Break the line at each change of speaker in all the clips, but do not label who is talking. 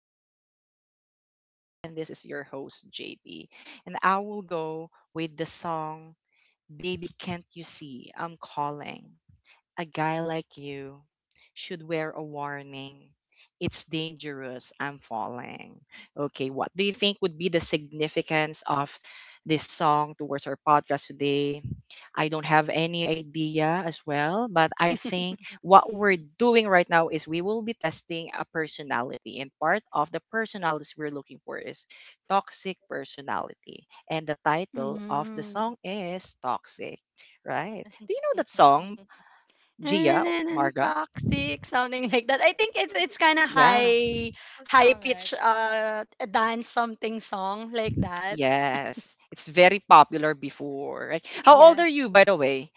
podcast today. And this is your host, JP. And I will go with the song, Baby Can't You See? I'm Calling. A guy like you should wear a warning. It's dangerous. I'm falling. Okay. What do you think would be the significance of this song towards our podcast today? I don't have any idea as well, but I think what we're
Mhm.
doing right now is we will be testing a personality, and part of the personalities we're looking for is toxic personality. And the title of the
Mm.
song is Toxic, right? Do you know that song, Gia
And
or
and, and
Marga?
toxic, something like that. I think it's
Who
it's kind of
Yeah,
high
who
high
sung
pitch
it?
dance something song like that.
yes, it's very popular before, right? How old are you,
Yes.
by the way?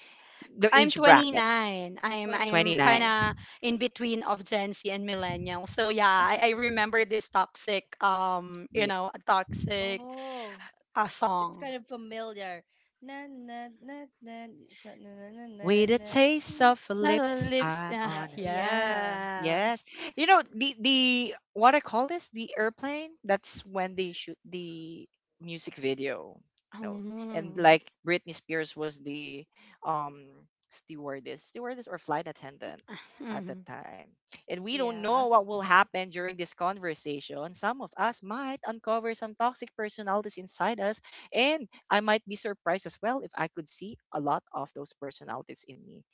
The
I'm
age bracket,
29. I'm kind
29.
22.
of in between of Gen Z and millennial. So yeah, I remember this toxic a toxic
Oh, it's
song.
kind of familiar. Na na na na na na na na
With a
na.
taste of her
Not on
lips,
lips.
I'm
Yeah.
na-
on a side.
yeah,
Yes,
Yes.
you know the what I call this the airplane. That's when they shoot the music video. No, and
Mm-hmm.
like Britney Spears was the stewardess or flight attendant at the
Mm-hmm.
time. And we don't
yeah,
know what will happen during this conversation. Some of us might uncover some toxic personalities inside us, and I might be surprised as well if I could see a lot of those personalities in me,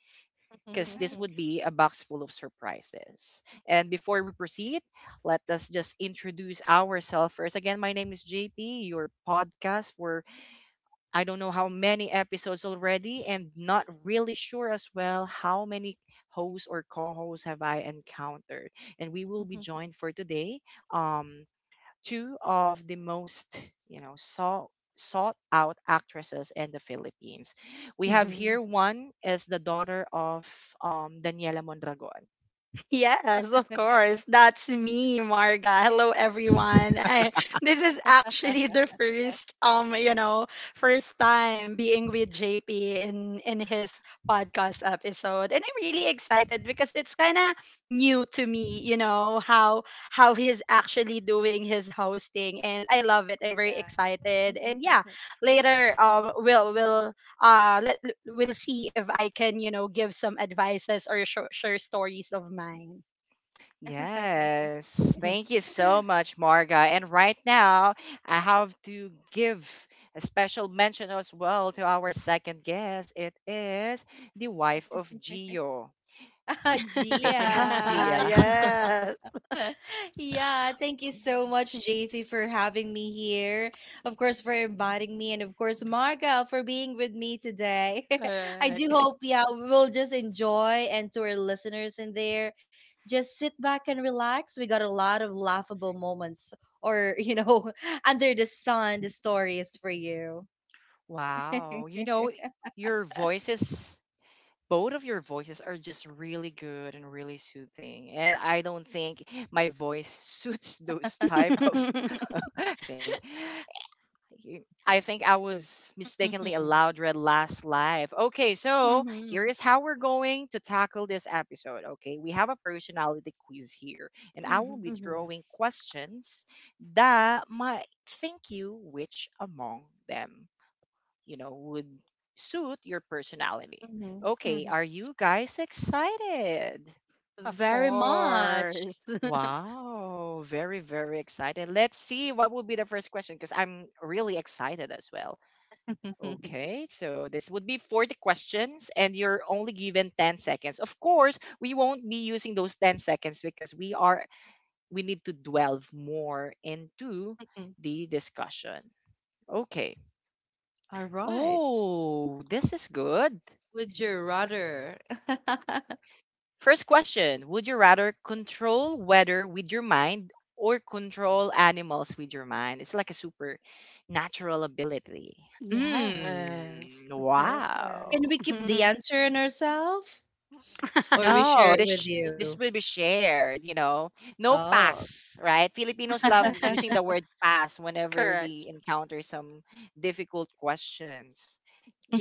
because this
Correct.
would be a box full of surprises. And before we proceed, let us just introduce ourselves first. Again, my name is JP, your podcast for I don't know how many episodes already, and not really sure as well how many hosts or co hosts have I encountered. And we will be joined for today. Two of the most you know sought sought out actresses in the Philippines. We have here, one is the daughter of Daniela Mondragon.
Yes, of course. That's me, Marga. Hello, everyone. This is actually the first, first time being with JP in his podcast episode, and I'm really excited because it's kind of new to me, you know, how he's actually doing his hosting, and I love it. I'm very
yeah.
excited, and yeah, later, uh let we'll see if I can, you know, give some advices or share stories of mine.
Yes, thank you so much, Marga. And right now, I have to give a special mention as well to our second guest. It is the wife of Gio.
Ah,
They can have
Gia.
Gia.
yes,
Yeah, thank you so much, JP, for having me here. Of course, for inviting me, and of course, Marga for being with me today. I do
correct.
hope, yeah, we'll just enjoy, and to our listeners in there, just sit back and relax. We got a lot of laughable moments, or under the sun, the stories for you.
Wow, your voice is both of your voices are just really good and really soothing, and I don't think my voice suits those type of thing y- I think I was mistakenly
Mm-hmm.
allowed red last live. Okay, so here
hmm.
is how we're going to tackle this episode. Okay, we have a personality quiz here, and I will
Hmm.
be
Mm-hmm.
throwing questions that might think you which among them, would suit your personality.
Mm-hmm.
Okay,
Hmm.
are you guys excited?
Of
Very
course.
much.
Wow, very, very excited. Let's see what will be the first question because I'm really excited as well. Okay, so this would be 40 questions, and you're only given 10 seconds. Of course, we won't be using those 10 seconds because we need to delve more into the discussion. Okay.
All right.
Oh, this is good.
Would you rather?
First question. Would you rather control weather with your mind or control animals with your mind? It's like a supernatural ability. Mm,
yes,
wow.
perfect.
Can we keep the answer in ourselves or we share
No,
it with you?
this will be shared. No
Oh.
pass, right? Filipinos love using the word pass whenever they
correct.
encounter some difficult questions.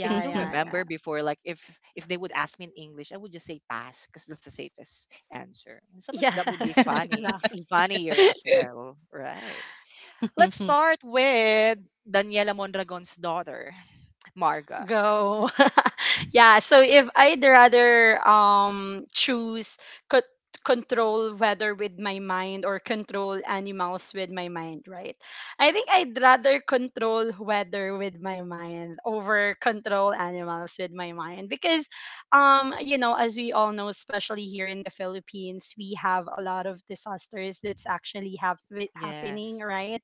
I still
yeah,
remember
yeah.
before, like if they would ask me in English, I would just say pass because that's the safest answer. And sometimes that would be
Yes, exactly.
funnier as well, right?
Mhm,
Let's
mhm,
start with Daniela Mondragon's daughter, Marga.
Go. yeah, so if I'd rather choose co- control weather with my mind or control animals with my mind, right? I think
Yeah.
I'd rather control weather with my mind over control animals with my mind because you know, as we all know, especially here in the Philippines, we have a lot of disasters that's actually happening,
Yes.
right?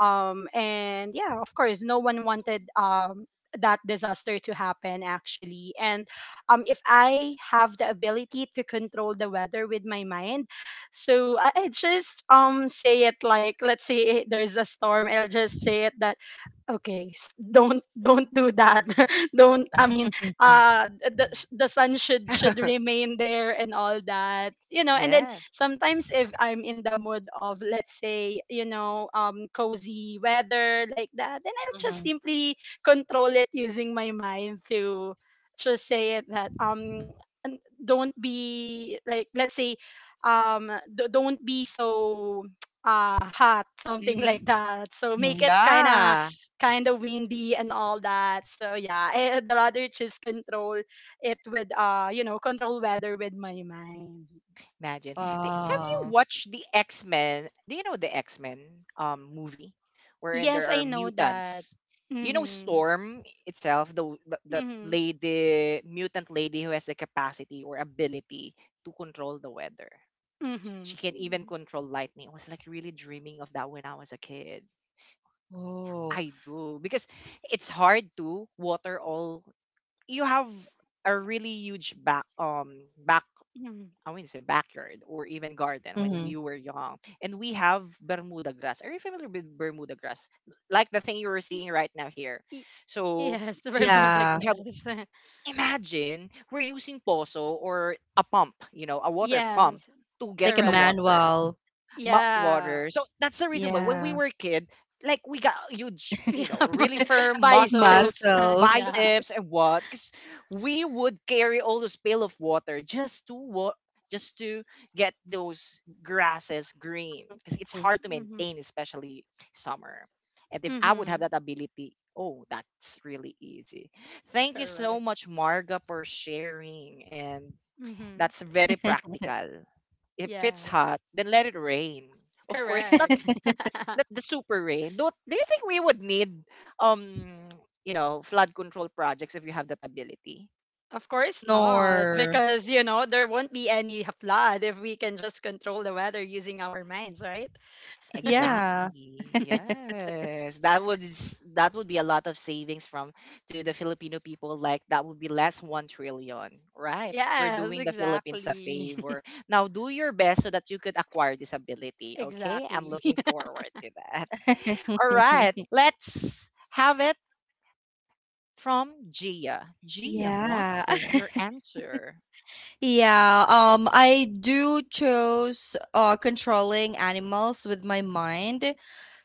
and yeah, of course, no one wanted that disaster to happen, actually. And if I have the ability to control the weather with my mind, so I just say it, like let's say, eh, there's a storm, I'll just say it that okay, don't don't do that. don't, I mean, the sun should remain there and all that, you know. And then
Yes.
sometimes if I'm in the mood of, let's say, you know, cozy weather like that, then I'll just
mhm.
simply control it using my mind to just say it that and don't be, like, let's say, don't be so, uh, hot something
Hmm.
like that. So make it
Yeah.
kind of windy and all that. So yeah, I'd rather just control it with, you know, control weather with my mind.
Imagine. Have
Wow.
you watched the X Men? Do you know the X Men movie, wherein
Yes,
there are
I know that.
mutants? You know
Mhm.
Storm itself, the
Mhm.
lady, mutant lady who has the capacity or ability to control the weather. She
Mhm.
can even control lightning. I was like really dreaming of that when I was a kid.
Oh.
I do because it's hard to water all. You have a really huge back
Mhm.
I mean, not say backyard or even garden when
Mhm.
we were young. And we have Bermuda grass. Are you familiar with Bermuda grass? Like the thing you were
Y-
seeing right now here.
y-
So
Yes, remote, I
Yeah.
we have,
guess.
imagine we're using poso or a pump, a water pump
Yes.
to get
Like a
the
Correct.
water,
manual.
mop
Yeah.
water. So that's the reason why when we
Yeah.
were a kid, like we got huge,
Yeah,
really
my
firm
biceps.
muscles,
Muscles.
yeah.
biceps, and what? Because we would carry all those pail of water just to what? Just to get those grasses green, because it's hard to
Mhm.
maintain, especially summer. And if I would have
Mhm.
that ability, oh, that's really easy. Thank you so
Correct.
much, Marga, for sharing, and
Mhm.
that's very practical. If it's
Yes.
hot, then let it rain. Of course, not
Correct.
not the super rain. Don't, do you think we would need um flood control projects if you have that ability?
Of course not,
Nor.
because you know there won't be any flood if we can just control the weather using our minds, right?
Yeah.
Exactly. Yes. That would that would be a lot of savings from to the Filipino people. Like that would be less 1 trillion, right? We're
yes,
doing the Philippines a
exactly.
favor. Now do your best so that you could acquire this ability. Okay. I'm
exactly.
looking forward to that. All right. Let's have it from Gia. Gia, what
Yeah.
is your answer?
Yeah, I do chose controlling animals with my mind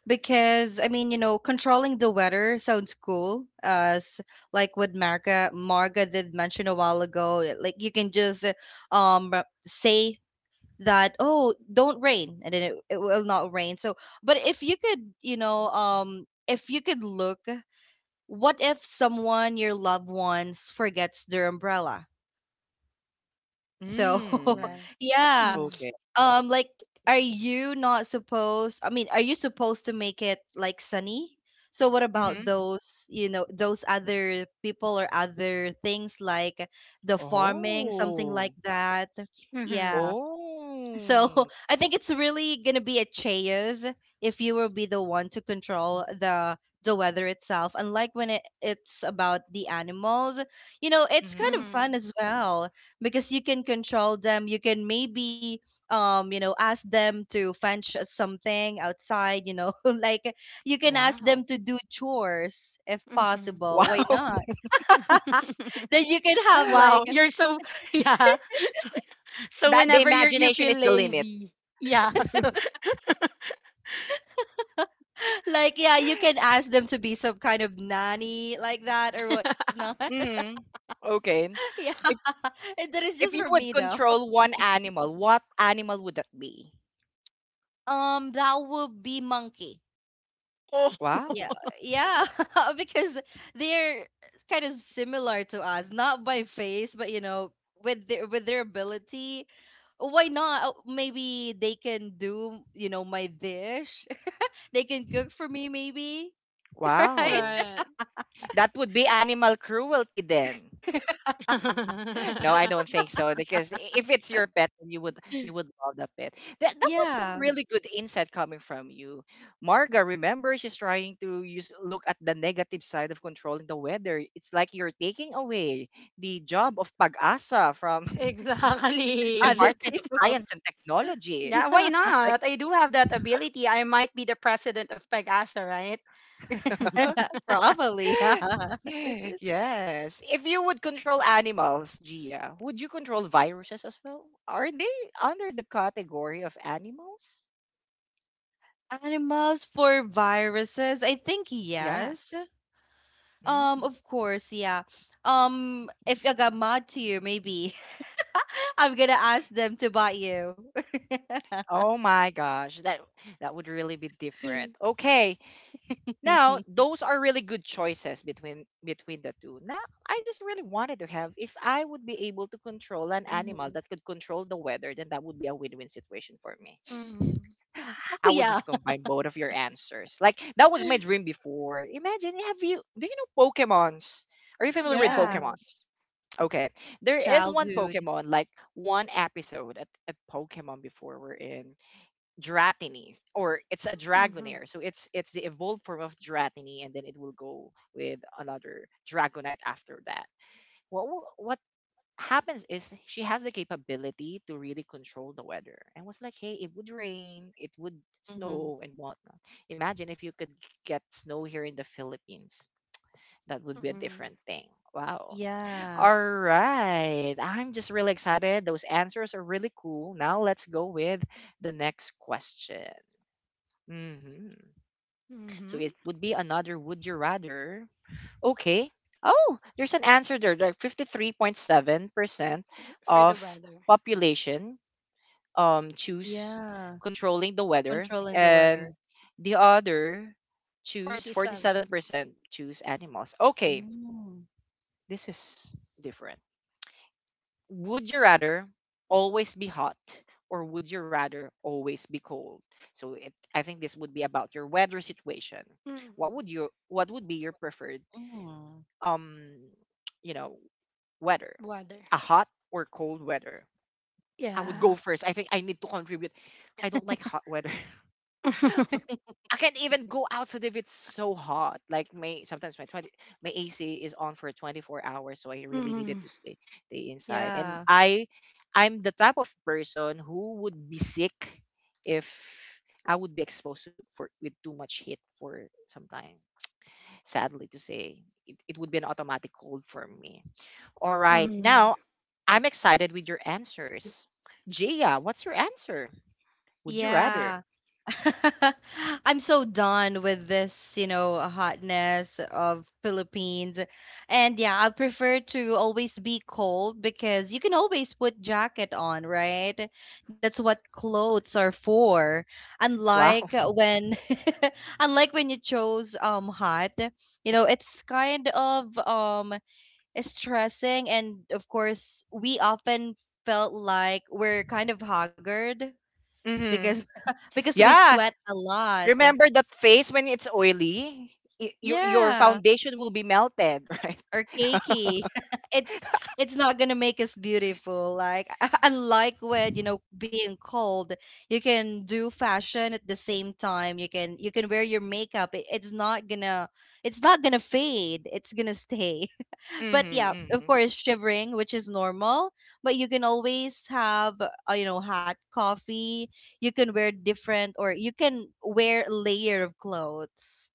because I mean, you know, controlling the weather sounds cool. As like what Marga did mention a while ago, yeah, like you can just say that, oh, don't rain, and then it will not rain. So, but if you could, you know, if you could look, what if someone your loved ones forgets their umbrella? So,
Mm.
right.
yeah,
Mm-hmm.
Okay.
like, are you not supposed? I mean, are you supposed to make it like sunny? So what about
Mm-hmm.
those, you know, those other people or other things like the farming, something like
Oh.
that? Yeah. So
Oh.
I think it's really gonna be a chaos if you will be the one to control the weather itself. Unlike when it's about the animals, you know, it's kind
Mm-hmm.
of fun
Mm-hmm.
as well because you can control them. You can maybe you know ask them to fetch something outside. You know, like you can ask them
Wow.
to do chores if
Mm-hmm.
possible. Why
Wow.
not? Then you can have
wow,
like
you're so, yeah. So, so
That the
whenever you
imagination
feel
is the limit.
lazy, yeah. So
Like, yeah, you can ask them to be some kind of nanny like that or whatnot.
Hmm. Okay.
Yeah.
If
And that is just for
if you
me
would
though.
control one animal, what animal would that be?
That would be monkey.
oh,
Wow.
Yeah. Yeah. Because they're kind of similar to us, not by face, but you know, with their ability. Why not? Oh, maybe they can do, you know, my dish. They can cook for me maybe, right?
Wow.
right.
That would be animal cruelty then. No, I don't think so because if it's your pet, then you would love the pet. That was
Yeah.
some really good insight coming from you, Marga. Remember, she's trying to use look at the negative side of controlling the weather. It's like you're taking away the job of pag-asa from
exactly.
Other
Department of
people.
Science and Technology.
Yeah, why
Yeah.
Like,
not? I do have that ability. I might be the president of Pegasa, right?
Probably, yeah.
yes. If you would control animals, Gia, would you control viruses as well? Are they under the category of animals?
Animals for viruses? I think
Yeah,
yes.
mm.
Of course, yeah. If I got mad to you, maybe I'm gonna ask them to bite you.
Oh my gosh, that would really be different. Okay, now those are really good choices between the two. Now I just really wanted to have, if I would be able to control an animal
Mhm.
that could control the weather, then that would be a win-win situation for me.
hmm.
Oh
I would
yeah,
just combine both of your answers. Like that was my dream before. Imagine, have you do you know Pokemons? Are you familiar with
yeah.
Pokemons?
Yes.
Okay, there is one
Childhood.
Pokemon, like one episode at Pokemon before we're in. Dratini, or it's a
Mm-hmm.
Dragonair. So it's the evolved form of Dratini, and then it will go with another Dragonite after that. What happens is she has the capability to really control the weather. And was like, hey, it would rain, it would
Hmm.
snow, and whatnot. Imagine if you could get snow here in the Philippines. That would be a
Mm-hmm.
different thing. Wow.
Yeah,
All right. I'm just really excited. Those answers are really cool. Now let's go with the next question. hmm So
Mm-hmm.
it would be another would you rather. Okay. Oh, there's an answer there. Like 53.7%
For the
of
weather.
population choose
yeah.
controlling the weather,
Controlling the
and
weather.
the other choose
47.
47% choose animals. Okay.
Mm-hmm.
This is different. Would you rather always be hot, or would you rather always be cold? So I think this would be about your weather situation.
Mm-hmm.
What would you what would be your preferred um you know weather,
Weather.
a hot or cold weather? I would
Yeah.
go first. I think I need to contribute. I don't like hot weather. I can't even go outside if it's so hot. Like my, sometimes my twenty, my AC is on for 24 hours, so I really
mm-hmm.
needed to stay inside. And
Yeah.
I'm the type of person who would be sick if I would be exposed to, for, with too much heat for some time. Sadly to say, it would be an automatic cold for me. All right,
Mm-hmm.
now I'm excited with your answers. Gia, what's your answer? Would you rather?
Yeah. I'm so done with this, you know, hotness of Philippines. And yeah, I prefer to always be cold because you can always put jacket on, right? That's what clothes are for. Unlike
Wow.
when unlike when you chose hot, you know, it's kind of stressing, and of course we often felt like we're kind of haggard
Hmm.
because because we
Yeah,
sweat a lot.
remember that face when it's oily? Your
Yeah.
foundation will be melted, right?
Or cakey. It's not gonna make us beautiful. Like unlike with, you know, being cold, you can do fashion at the same time. You can wear your makeup. It's not gonna it's not gonna fade. It's gonna stay. But
Mm-hmm,
yeah, of
mm-hmm.
course, shivering, which is normal. But you can always have you know, hot coffee. You can wear different, or you can wear a layer of clothes.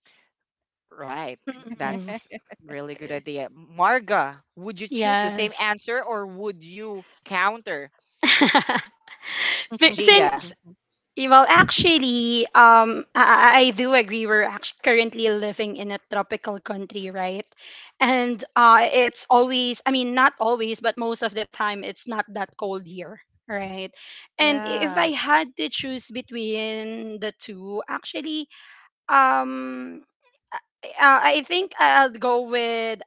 Right.
Mm-hmm.
That's really good idea. Marga, would you choose the same
Yes.
answer or would you counter Gia?
since Well, actually, I do agree. We're actually currently living in a tropical country, right? And it's always, I mean, not always, but most of the time, it's not that cold here, right? And if
Yeah.
I had to choose between the two, actually, um, I think I'll go with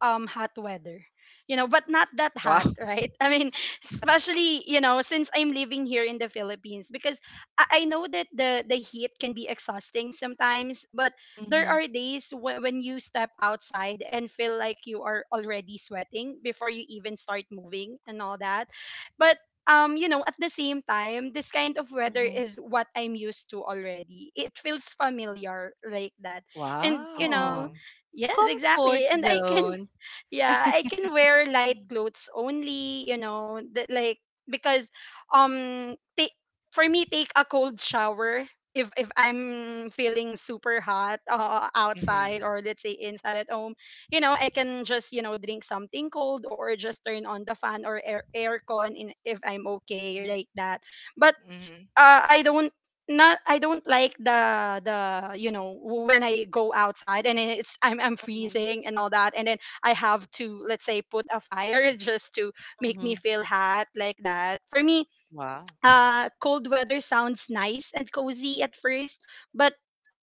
hot weather, you know, but not that
Wow.
hot, right? I mean, especially, you know, since I'm living here in the Philippines, because I know that the heat can be exhausting sometimes, but there
Mhm,
are days when you step outside and feel like you are already sweating before you even start moving and all that. But you know, at the same time, this kind of weather
mhm.
is what I'm used to already. It feels familiar like that. And you
Wow.
know,
Oh,
yes, exactly,
comfort
and I can,
zone.
yeah, I can wear light clothes only, you know, that like because take for me take a cold shower if I'm feeling super hot,
Mm-hmm.
outside or let's say inside at home, you know, I can just, you know, drink something cold or just turn on the fan or air aircon in if I'm okay
Mhm,
like that. But
Mm-hmm.
I don't not I don't like the you know when I go outside and it's I'm
mhm,
freezing and all that, and then I have to let's say put a fire just to make me
mhm,
feel hot like that. For me,
Wow.
cold weather sounds nice and cozy at first, but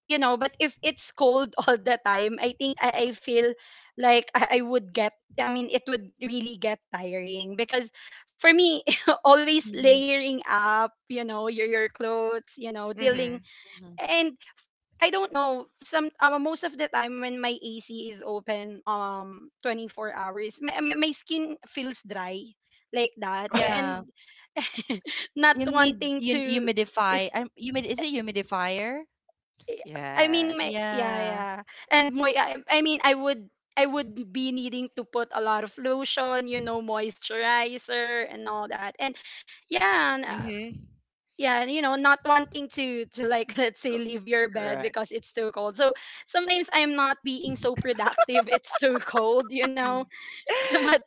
you know, but if it's cold all the time, I think I feel like I would get, I mean it would really get tiring because for me always
mhm.
layering up, you know, your clothes, you know,
Mm-hmm.
dealing.
mhm.
And I don't know, some most of the time when my AC is open 24 hours, my my skin feels dry like that and
Yeah,
not
you need
wanting
you
to
humidify. Humid, is it humidifier?
I I mean
Yes.
my yeah
Yeah.
yeah and I mean I would be needing to put a lot of lotion, you know, moisturizer and all that, and yeah and,
Mm-hmm.
yeah, you know, not wanting to like, let's say, leave your bed
Right.
because it's too cold, so sometimes I'm not being so productive. it's too cold, you know.
Mhm.
so, but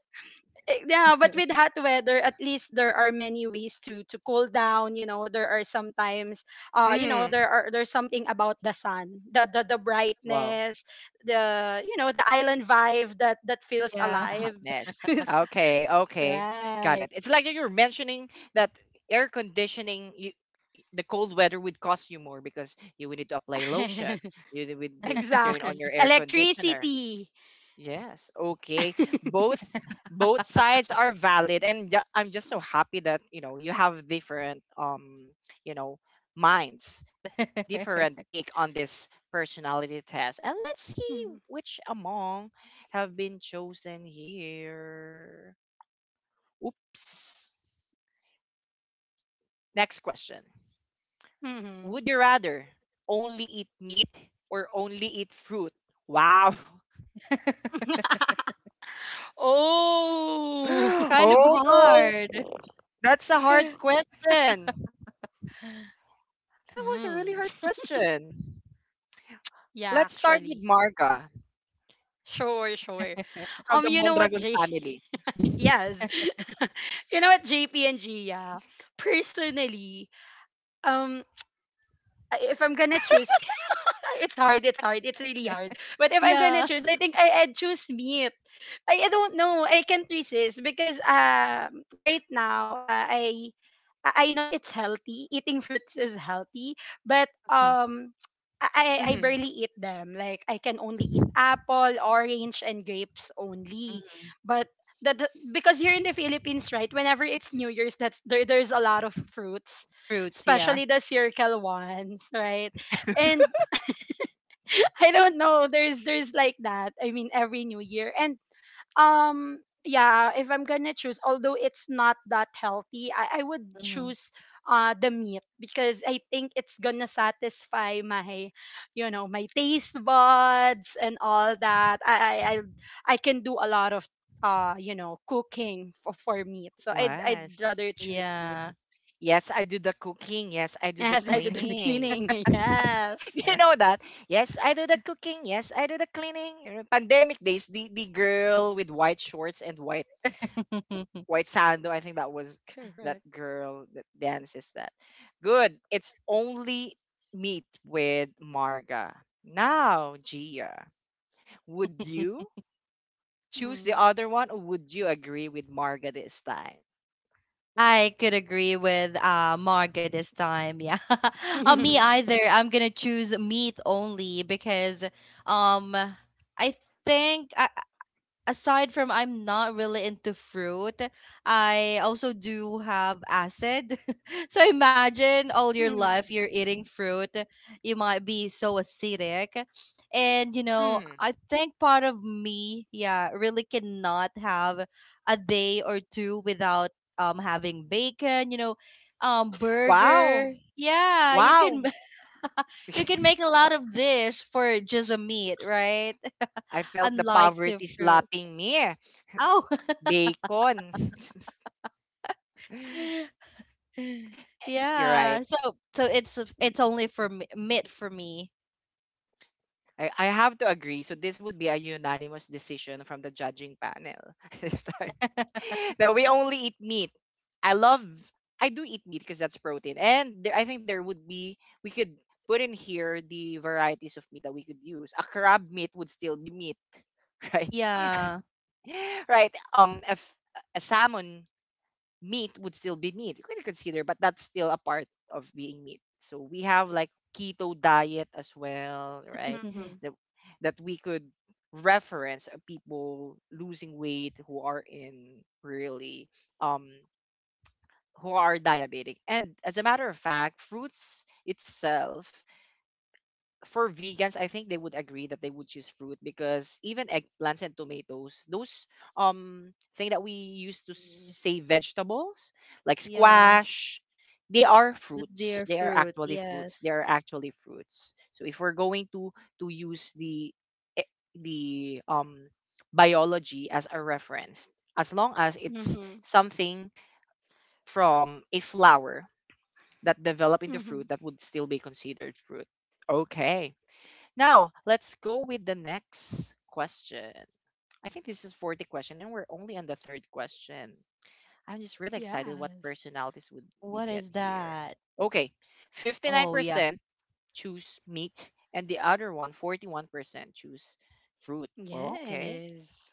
eh, yeah, but with hot weather, at least there are many ways to cool down. You know, there are sometimes, you know,
Mm-hmm.
there are there's something about the sun, the the
Wow.
brightness, the you know the island vibe that that feels
Yeah.
A hot
alive.
mess. Okay, okay. Got it.
right.
It's like you were mentioning that air conditioning, you, the cold weather would cost you more because you would need to apply lotion. You would turn on
exactly.
your air conditioner.
Electricity.
Yes. Okay. Both both sides are valid, and I'm just so happy that, you have different you know, minds, different take on this personality test. And let's see which among have been chosen here. Oops. Next question.
Mm-hmm.
Would you rather only eat meat or only eat fruit? Wow.
oh.
Kind of
Oh no.
hard.
That's a hard question. That was a really
Mm.
hard question.
Yeah,
Let's start with
actually.
Marga
Sure, sure.
from the
You know what,
Mondragon
Jay?
family.
Yes. you know what, JP and Gia? Personally, um, if I'm gonna choose, it's hard, it's hard, it's really hard. But if I'm gonna
Yeah.
choose, I think I'd choose meat. I don't know, I can't resist because right now, I I know it's healthy. Eating fruits is healthy, but I
Mhm.
barely eat them. Like I can only eat apple, orange and grapes only.
Mhm.
But because here in the Philippines, right, whenever it's New Year's, that's there there's a lot of fruits,
Fruits, yeah.
especially the circle ones, right? And I don't know, there's like that. I mean every New Year. And um yeah, if I'm gonna choose, although it's not that healthy, I would
Mhm.
choose the meat because I think it's gonna satisfy my, you know, my taste buds and all that. I can do a lot of you know cooking for meat, so I'd
Was.
rather choose meat.
Yeah.
Yes, I do the cooking. Yes, I do the
yes, I do the
cleaning.
cleaning. yes.
You know that. Yes, I do the cooking. Yes, I do the cleaning. You know, Pandemic days, the girl with white shorts and white white sandal. I think that was that
Correct.
girl that dances that. Good. It's only meet with Marga. Now, Gia, would you choose the
Mm.
other one or would you agree with Marga this time?
I could agree with Marga this time. Yeah. Me
mm.
either. I'm gonna choose meat only because um I think I aside from I'm not really into fruit, I also do have acid. So imagine all your life you're
Mm-hmm.
eating fruit, you might be so acidic. And you know,
Hmm.
I think part of me, yeah, really cannot have a day or two without having bacon, you know,
Wow.
burger. Yeah, you
Wow.
can you can make a lot of dish for just a meat, right?
I felt the
Unlike to
poverty
fruit.
slapping me.
Oh,
Bacon. You're right.
yeah. So it's only for me, meat for me.
I have to agree. So this would be a unanimous decision from the judging panel this time. No, we only eat meat. I love I do eat meat because that's protein. And there, I think there would be we could put in here the varieties of meat that we could use. A crab meat would still be meat, right?
Yeah.
Right. A salmon meat would still be meat. You could consider, but that's still a part of being meat. So we have like keto diet as well, right? That that we could reference people losing weight who are in really um who are diabetic. And as a matter of fact, fruits itself for vegans, I think they would agree that they would choose fruit because even eggplants and tomatoes, those thing that we used to say vegetables like
Yeah.
squash, they are
But dear
fruits. They are
fruit,
actually fruits. They
yes.
are actually fruits. So if we're going to use the e- the um biology as a reference, as long as it's
Mm-hmm.
something from a flower that develop into
Mm-hmm.
fruit, that would still be considered fruit. Okay. Now, let's go with the next question. I think this is 40 question and we're only on the third question. I'm just really excited what
Yes.
personalities would we
What
get
is
here.
that?
Okay,
Oh yeah.
59% choose meat and the other one, 41% choose fruit. Okay.
Yes.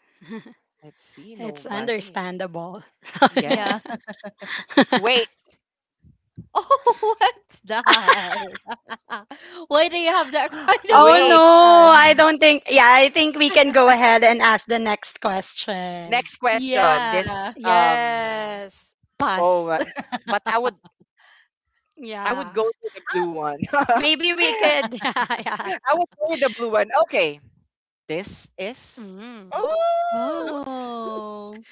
Let's see
it's
nobody.
understandable.
Yeah.
Yes. Wait.
Oh, what's that? Why do you have that kind of
oh
Wait.
no, I
option?
don't think, yeah, I think we can go ahead and ask the next question.
Next question. This
Yeah.
Yes.
oh
Pass.
uh, but I would go
Yeah.
to the blue one.
Maybe we could, yeah, yeah.
I would go with the blue one. Okay. This is.
Mm.
Oh!
Oh,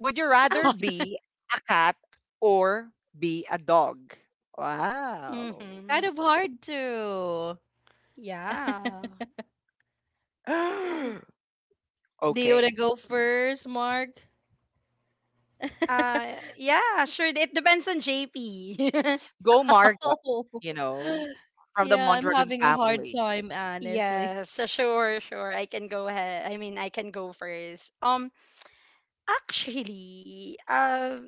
Would you rather
Huh?
be a cat or be a dog? Wow.
mm-hmm.
kind of hard to.
Yeah.
Do you want
okay.
to go first, Mark?
Yeah, sure. It depends on JP.
Go Margot,
Oh.
you know, from the
Yeah, I'm
Mondragon
having a hard
family.
time, honestly.
Yes, so sure, sure. I can go ahead. I mean, I can go first. Actually,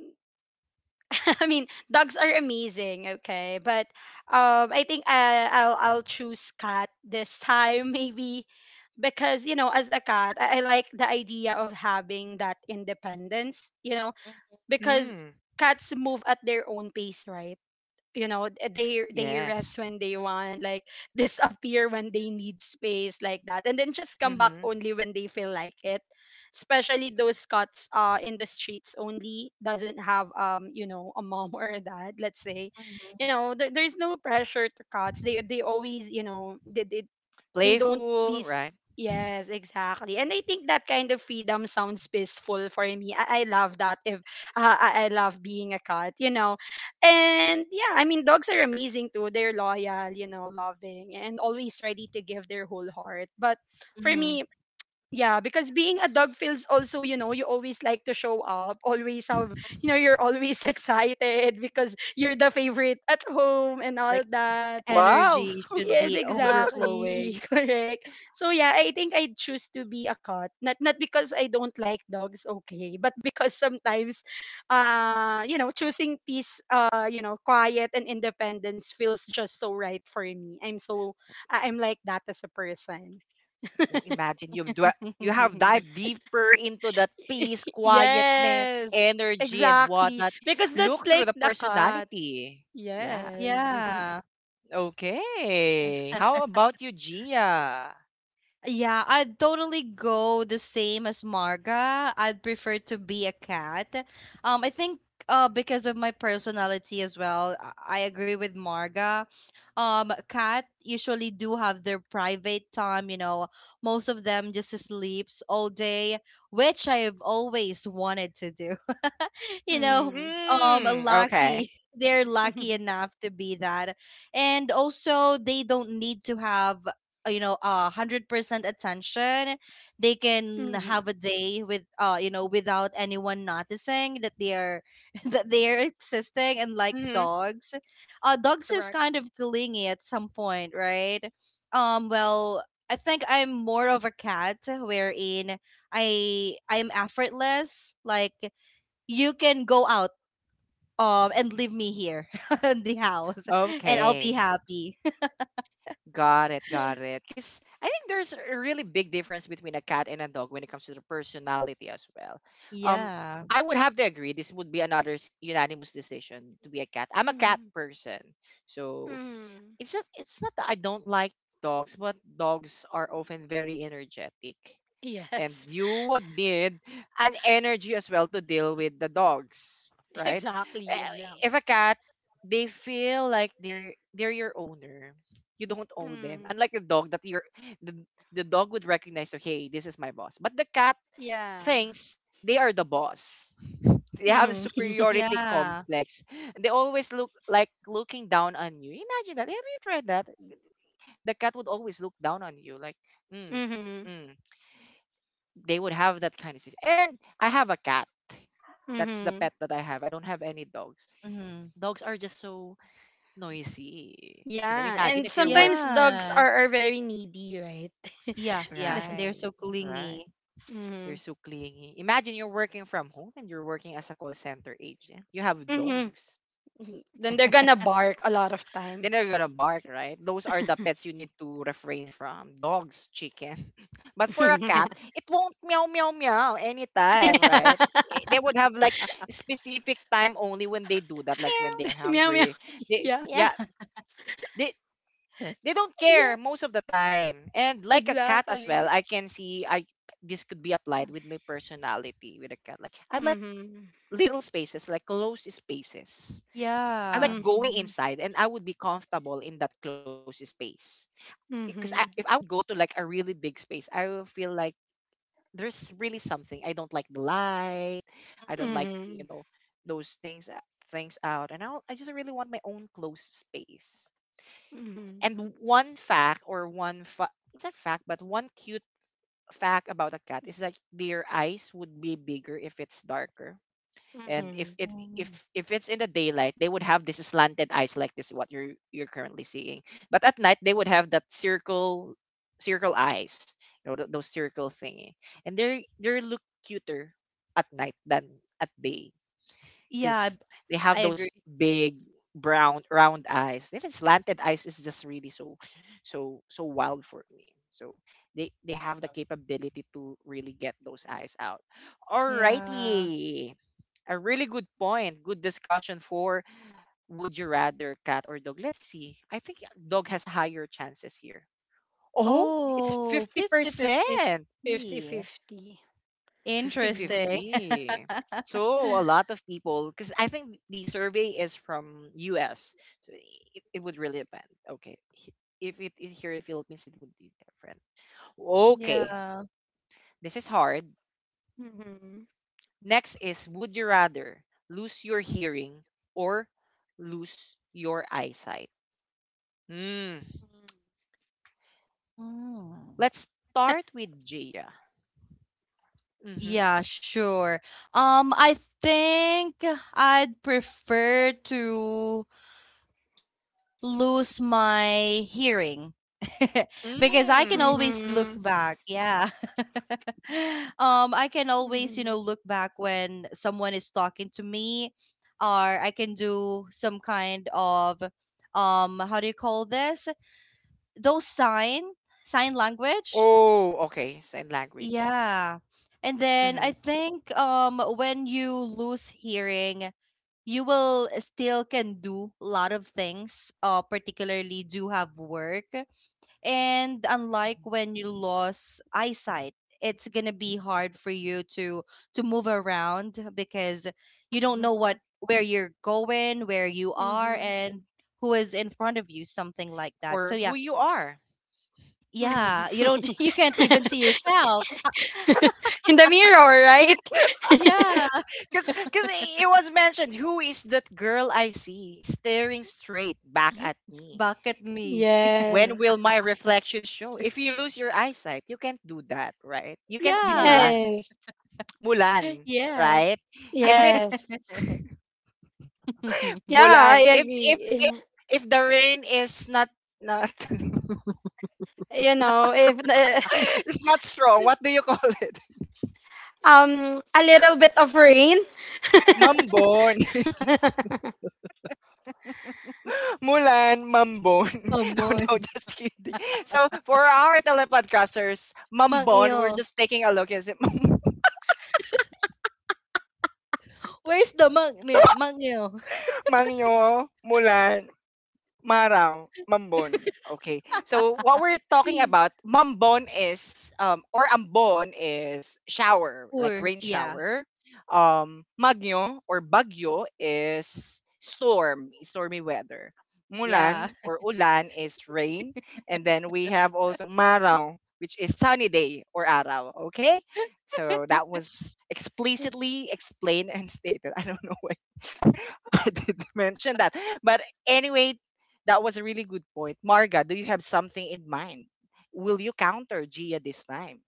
I mean, dogs are amazing, okay? But I think I'll choose cat this time, maybe because you know, as a cat, I like the idea of having that independence, you know,
Mhm,
because
Mm.
cats move at their own pace, right? You know they rest
Yes.
when they want, like disappear when they need space like that, and then just come back
Hmm.
only when they feel like it, especially those cats in the streets only doesn't have you know a mom or a dad, let's say, you
mhm,
know, there's no pressure to cats. They always, you know, they don't
Playful,
please.
right?
Yes, exactly, and I think that kind of freedom sounds peaceful for me. I love that if I love being a cat, you know. And yeah, I mean dogs are amazing too. They're loyal, you know, loving and always ready to give their whole heart, but for
mhm,
me, yeah, because being a dog feels also, you know, you always like to show up, always have,
mhm.
you know, you're always excited because you're the favorite at home and all
Like
that.
Wow.
energy should
Yes,
be
exactly.
overflowing.
Correct. So yeah, I think I choose to be a cat. Not because I don't like dogs, okay, but because sometimes you know, choosing peace, you know, quiet and independence feels just so right for me. I'm so I'm like that as a person.
Well, imagine you've you have dived deeper into that peace, quietness,
yes.
energy, and
Exactly.
whatnot.
Because that's
Look through
like
the
the cat.
personality. Yeah.
Yes.
Yeah.
Okay. How about you, Gia?
Yeah, I'd totally go the same as Marga. I'd prefer to be a cat. I think because of my personality as well, I agree with Marga. Cat usually do have their private time, you know. Most of them just sleeps all day, which I've always wanted to do. You know,
mm.
Mm, okay.
lucky. They're lucky enough to be that. And also, they don't need to have you know, 100% attention. They can
Mhm.
have a day with without anyone noticing that they are that they are existing. And like
Hmm.
dogs, dogs is
Correct.
kind of clingy at some point, right? um well I think I'm more of a cat, wherein I'm effortless, like you can go out and leave me here in the house, and I'll be
Okay.
happy.
Got it, got it. Because I think there's a really big difference between a cat and a dog when it comes to the personality as well. Um,
Yeah.
I would have to agree. This would be another unanimous decision to be a cat. I'm a cat
Mm.
person, so
Mm.
it's not that I don't like dogs, but dogs are often very energetic and
Yes.
you would need an energy as well to deal with the dogs, right?
Exactly,
Eh,
exactly.
if a cat they feel like they're your owner, you don't own them,
Mm,
unlike the dog that you're the, the dog would recognize, okay, this is my boss, but the cat
yeah.
thinks they are the boss. They have a
Mm-hmm.
superiority
Yeah.
complex. They always look like looking down on you. Imagine that. Have you tried that? The cat would always look down on you like mm,
Mm-hmm.
mm, they would have that kind of system. And I have a cat. That's the
Mm-hmm.
pet that I have. I don't have any dogs.
Hmm.
Dogs are just so noisy. You know,
Yeah.
imagine
And
if you're
sometimes
working.
dogs
Yes.
are very needy, right?
Yeah, yeah.
then,
They're so
Right, right.
clingy.
They're
mm-hmm.
so clingy. Imagine you're working from home and you're working as a call center agent. You have
Mm-hmm.
dogs.
Then they're gonna bark a lot of time.
Then they're gonna bark,
So-
right? Those are the pets you need to refrain from. Dogs, chicken. But for a cat, it won't meow meow meow anytime, right? Eh, they would have like specific time only when they do that, like
Meow.
when they're
meow meow.
hungry. They
Yeah.
Yeah.
yeah, they they don't
Yeah.
care most of the time. And like a cat as well,
Exactly.
I can see I this could be applied with my personality with a cat. Like I like
Mm-hmm.
little spaces, like close spaces. I like
Yeah.
going
Mm-hmm.
inside and I would be comfortable in that close space because I, if
Mm-hmm.
I would go to like a really big space, I will feel like there's really something. I don't like the light. I don't
Mhm.
like you
Mm-hmm.
know those things things out, and I just really want my own close space.
Mm-hmm.
And one fact or it's a fact, but one cute fact about a cat is that their eyes would be bigger if it's darker and
Mm-hmm.
if it
Mm.
if it's in the daylight they would have this slanted eyes like this what you're currently seeing, but at night they would have that circle circle eyes, you know, those circle thingy, and they look cuter at night than at day
Yeah,
because they have
I
those
agree.
big brown round eyes. That is slanted eyes is just really so so wild for me. So they have the capability to really get those eyes out.
Yeah.
Alrighty. A really good point. Good discussion for would you rather cat or dog? Let's see. I think dog has higher chances here. Oh, it's
Oh, 50 50
50%.
Fifty
50.
fifty.
Interesting.
Mm-hmm.
Fifty-50. So a lot of people, because I think the survey is from US, so it would really depend. Okay, if it is here in Philippines, it would be different. Okay,
Yeah.
this is hard.
Mm-hmm.
Next is would you rather lose your hearing or lose your eyesight? Hmm.
Mm.
Let's start with Gia. Mm-hmm.
Yeah, sure. I think I'd prefer to lose my hearing because I can
Mm.
always look
Mhm.
back. Yeah. I can always, you
Mhm.
know, look back when someone is talking to me, or I can do some kind of how do you call this? Those sign language.
Oh, okay. Sign language.
Yeah. And then
Mm-hmm.
I think when you lose hearing, you will still can do a lot of things, particularly do have work. And unlike
Mm-hmm.
when you lost eyesight, it's going to be hard for you to move around because you don't know
Mhm.
what where you're going, where you are,
Mhm.
and who is in front of you, something like that. So
Or
yeah,
who you are.
Mhm.
yeah, you don't you can't even see yourself,
In the mirror, right?
yeah,
Because it was mentioned, who is that girl I see staring straight back at me?
back at me.
When
Yes.
will my reflection show? If you lose your eyesight, you can't do that, right? You can't be
Yeah.
Mulan.
Yes.
Mulan,
Yeah.
right? If
Yes.
it's
Yeah,
Mulan,
I
if if if,
agree.
if the rain is not
If the-
it's not strong, what do you call it?
a little bit of rain.
Mambon. Mulan, Mambon. Oh,
Mamon,
no, just kidding. So for our telepodcasters,
mang
Mambon, we're just taking a look. Is it
where's the mang meal?
Mangyo, Mulan, Marang, Mambon. Okay. So what we're talking about, Mambon is or Ambon is shower, like
Poor.
rain
Yeah,
shower. Magyo or Bagyo is storm, stormy weather.
yeah.
Mulan or ulan is rain, and then we have also Marang, which is sunny day or araw, okay? So that was explicitly explained and stated. I don't know why I did mention that. But anyway, that was a really good point. Marga, do you have something in mind? Will you counter Gia this time?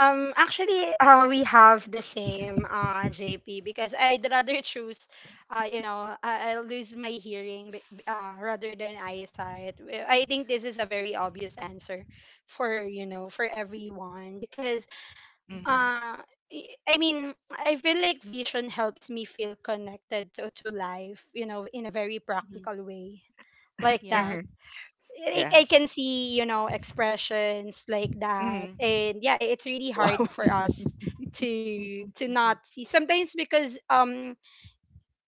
Actually, we have the same, JP, because I'd rather choose, I'll lose my hearing, rather than eyesight. I think this is a very obvious answer for, you know, for everyone because,
Mm-hmm.
Mhm,
uh, I mean, I feel like vision helps me feel connected to life, you know, in a very
mhm,
practical way, like
yeah.
that.
Mm-hmm. Yeah.
I can see, you know, expressions like that.
Mm-hmm.
And yeah, it's really
Wow.
hard for us to not see sometimes because um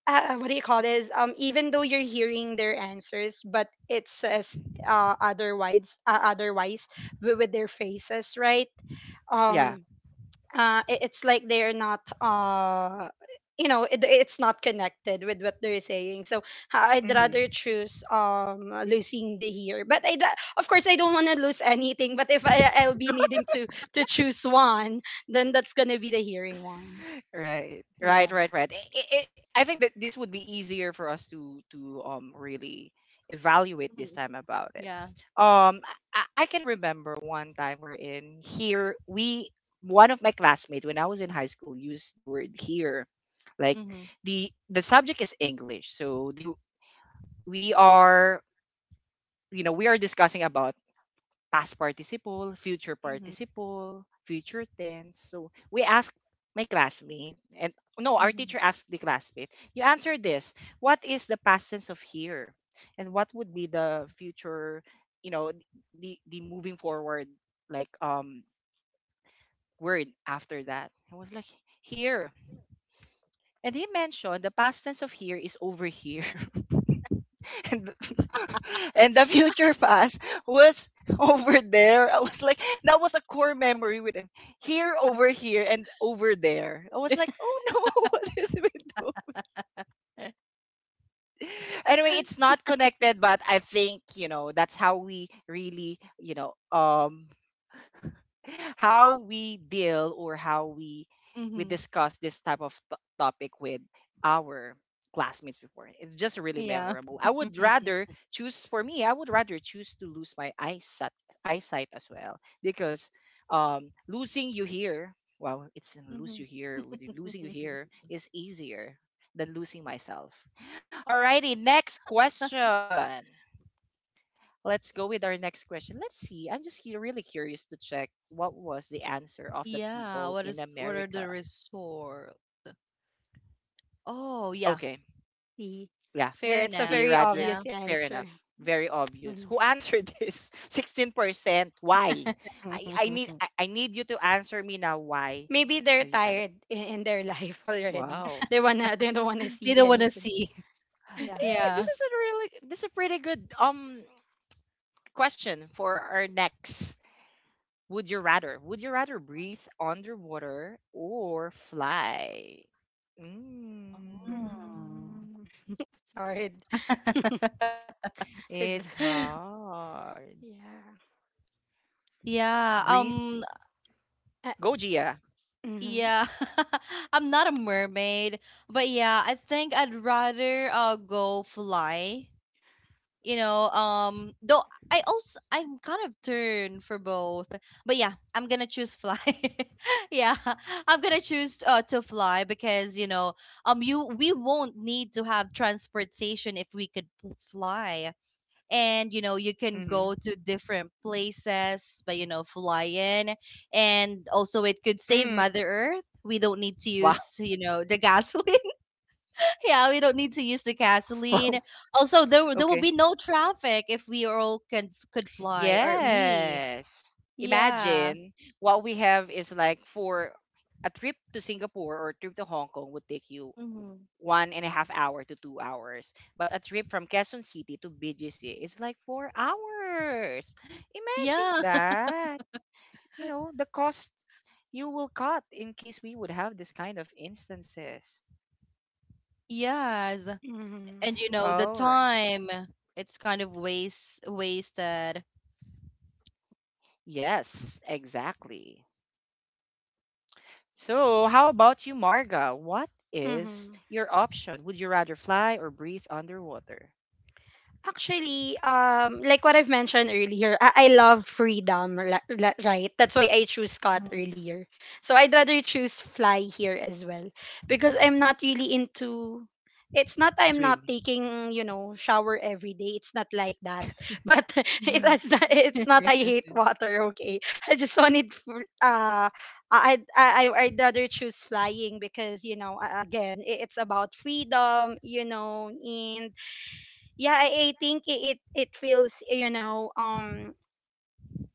uh, what do you call this, even though you're hearing their answers, but it says otherwise, otherwise with their faces, right,
Yeah.
um I- it's like they're not, you know, it, it's not connected with what they're saying. So I'd rather
Mm-hmm.
choose losing the here. But of course I don't want to lose anything, but if I, I'll be needing to choose one, then that's gonna be the hearing one,
Right. Right.
yeah.
Right. Right. I, I, I I think that this would be easier for us to really evaluate
Mhm,
this time about it.
yeah.
Um, I can remember one time we're in here. We One of my classmates when I was in high school used the word here, like
Mhm,
the subject is English, so they we are you know we are discussing about past
mhm,
participle future tense, so we ask my classmate and no, our
mhm,
teacher asked the classmate, you answer this: what is the past tense of here and what would be the future, you know, the moving forward, like word after that. I was like, here, and he mentioned the past tense of here is over here, and and the future past was over there. I was like, that was a core memory with him. Here, over here, and over there. I was like, oh no, what is with those?
eh,
Anyway, it's not connected, but I think you know that's how we really you know how we deal or how we
mhm,
discuss this type of topic with our classmates before. It's just really
yeah.
memorable. I would rather choose for me. I would rather choose to lose my eyesight as well because losing you here. Well, it's in lose you
Mhm.
here. With the Losing you here is easier than losing myself. Alrighty, next question. Let's go with our next question. Let's see. I'm just really curious to check what was the answer of the
Yeah,
people
what
in
is, what are the
America.
resort? Oh, yeah,
Okay,
See,
yeah.
fair
it's a
enough.
They
very
rather
Yeah.
obvious
fair
answer.
enough. Very obvious.
Mhm.
Who answered this? 16%. Why? I need you to answer me now. Why?
Maybe they're
Have you done it?
tired in their life already.
Wow.
They wanna, they don't wanna
They
see
don't wanna
anything.
see.
Yeah.
Eh, this
Yeah.
is a really this is a pretty good question for our next: Would you rather? Would you rather breathe underwater or fly? Mm,
Oh.
Mm. Sorry. It-
it's hard.
yeah.
Yeah,
Breathe.
Uh,
Go, Gia.
mm-hmm,
yeah, I'm not a mermaid, but yeah, I think I'd rather go fly. You know, though I also I'm kind of turned for both, but yeah, I'm gonna choose fly. Yeah, I'm gonna choose to fly because you know, you we won't need to have transportation if we could fly. And you know, you can go
Mm-hmm.
to different places by, you know, flying. And also it could save
Mm.
mother earth. We don't need to
Wow.
use, you know, the gasoline. Yeah, we don't need to use the gasoline. Also, there
Wow.
there will
Okay.
be no traffic if we all can could fly, or me.
Yes.
Yeah.
Imagine what we have is like for a trip to Singapore or trip to Hong Kong would take you
Hmm.
1.5 hours to 2 hours. But a trip from Quezon City to BGC is like 4 hours. Imagine
Yeah.
that. You know, the cost you will cut in case we would have this kind of instances.
Yes.
mm-hmm,
And you know, the
All right.
time, it's kind of wasted.
Yes, exactly. So, how about you, Marga? What is
mm-hmm.
your option? Would you rather fly or breathe underwater?
Like what I've mentioned earlier, I love freedom, right? That's why I choose Scott earlier. So I'd rather choose fly here as well because I'm not really into. It's not I'm not
Swim.
taking, you know, shower every day. It's not like that. But
Mhm,
it's not. It's not I hate water. Okay, I just wanted. I'd rather choose flying because, you know, again, it's about freedom. You know. And yeah, I think it, it feels, you know,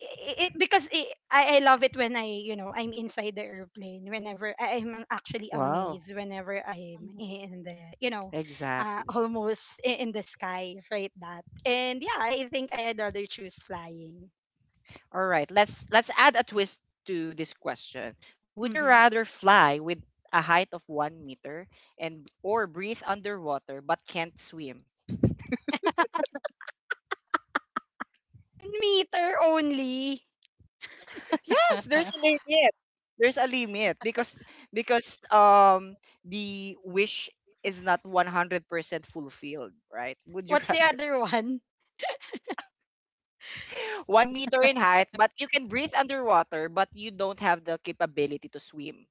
it, because it, I love it when I you know, I'm inside the airplane. Whenever I'm actually
Wow.
amazed whenever I'm in the, you know,
Exactly.
almost in the sky, right? That. And yeah, I think I'd rather choose flying.
All right, let's add a twist to this question. Would you
Mm-hmm.
rather fly with a height of 1 meter and or breathe underwater but can't swim?
1 meter only?
Yes, there's a limit. There's a limit because the wish is not 100% fulfilled, right? Would you
What's the
rather
other one?
1 meter in height, but you can breathe underwater, but you don't have the capability to swim?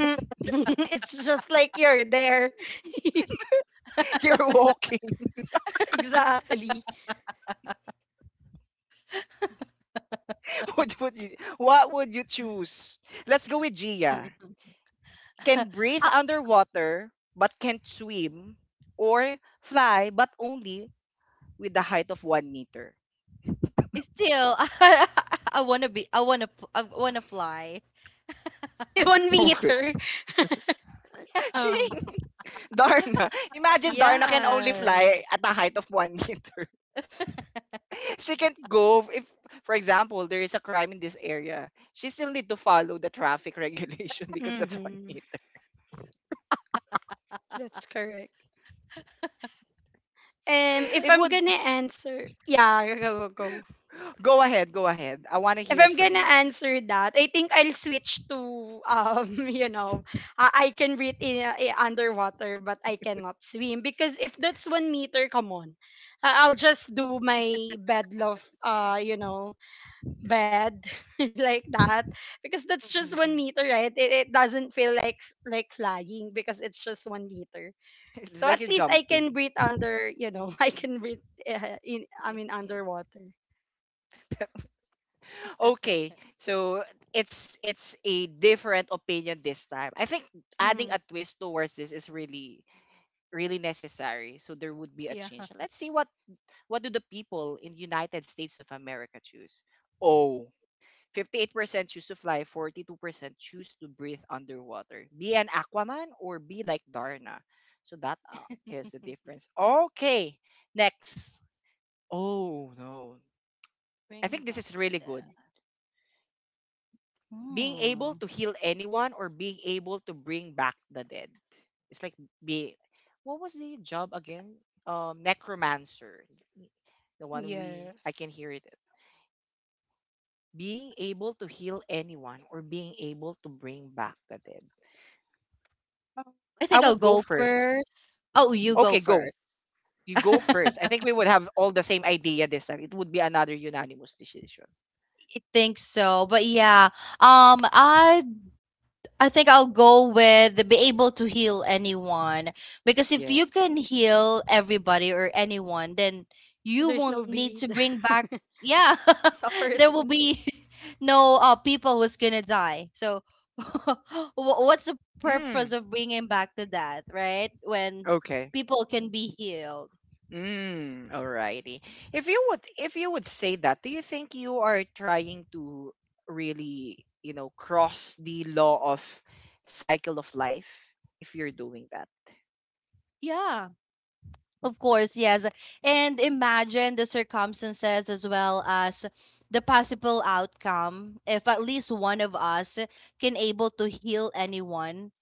Mm. It's just like you're there.
You're walking.
Exactly.
What would you choose? Let's go with Gia.
mhm, mhm.
Can breathe underwater but can't swim, or fly but only with the height of 1 meter.
Still, I wanna be. I wanna fly.
one
Okay.
meter
She
um
Darna. Imagine Darna can only fly
yes.
at a height of 1 meter. She can't go if, for example, there is a crime in this area. She still need to follow the traffic regulation because that's one
Mm-hmm.
meter.
That's correct. If
It
I'm
would
gonna answer, yeah, go, go, go.
Go ahead, go ahead. I want to
If
hear it
I'm
from
gonna
you.
answer that, I think I'll switch to, you know, I can breathe in, underwater, but I cannot swim. Because if that's 1 meter, come on, I'll just do my bed love, you know, bed, like that, because that's just one meter, right? It doesn't feel like flying because it's just 1 meter.
It's
So
like you're
at least I
jumping.
can breathe under, you know, I can breathe in, I mean underwater.
Okay, so it's a different opinion this time. I think adding a
Hmm.
twist towards this is really really necessary. So there would be a
Yeah.
change. Let's see what do the people in United States of America choose? Oh, 58% choose to fly, 42% choose to breathe underwater. Be an Aquaman or be like Darna. So that is the difference. Okay, next. Oh no. I
Bring
think this
back
is really
the.
good. Being able
Hmm.
to heal anyone or being able to bring back the dead. It's like be what was the job again? Necromancer, the one we I can
Yes.
hear it. Being able to heal anyone or being able to bring back the dead.
I
I
think I'll
would go
go
first.
first. Oh, you go
Okay, go.
first.
You go first. I
I
think we would have all the same idea this time. It would be another unanimous decision.
think so. But yeah, um, I I think I'll go with the be able to heal anyone because if you
Yes.
can heal everybody or anyone, then you won't
There's no
need to
bead.
bring back. Yeah, there will
Suffers.
be no, people who's gonna die. So, wh- what's the purpose of
Hmm.
bringing back the death, right? When
Okay.
people can be healed.
Mm, alrighty. If you would say that, do you think you are trying to really, you know, cross the law of cycle of life if you're doing that?
Yeah. Of course, yes. And imagine the circumstances as well as the possible outcome. If at least one of us can able to heal anyone,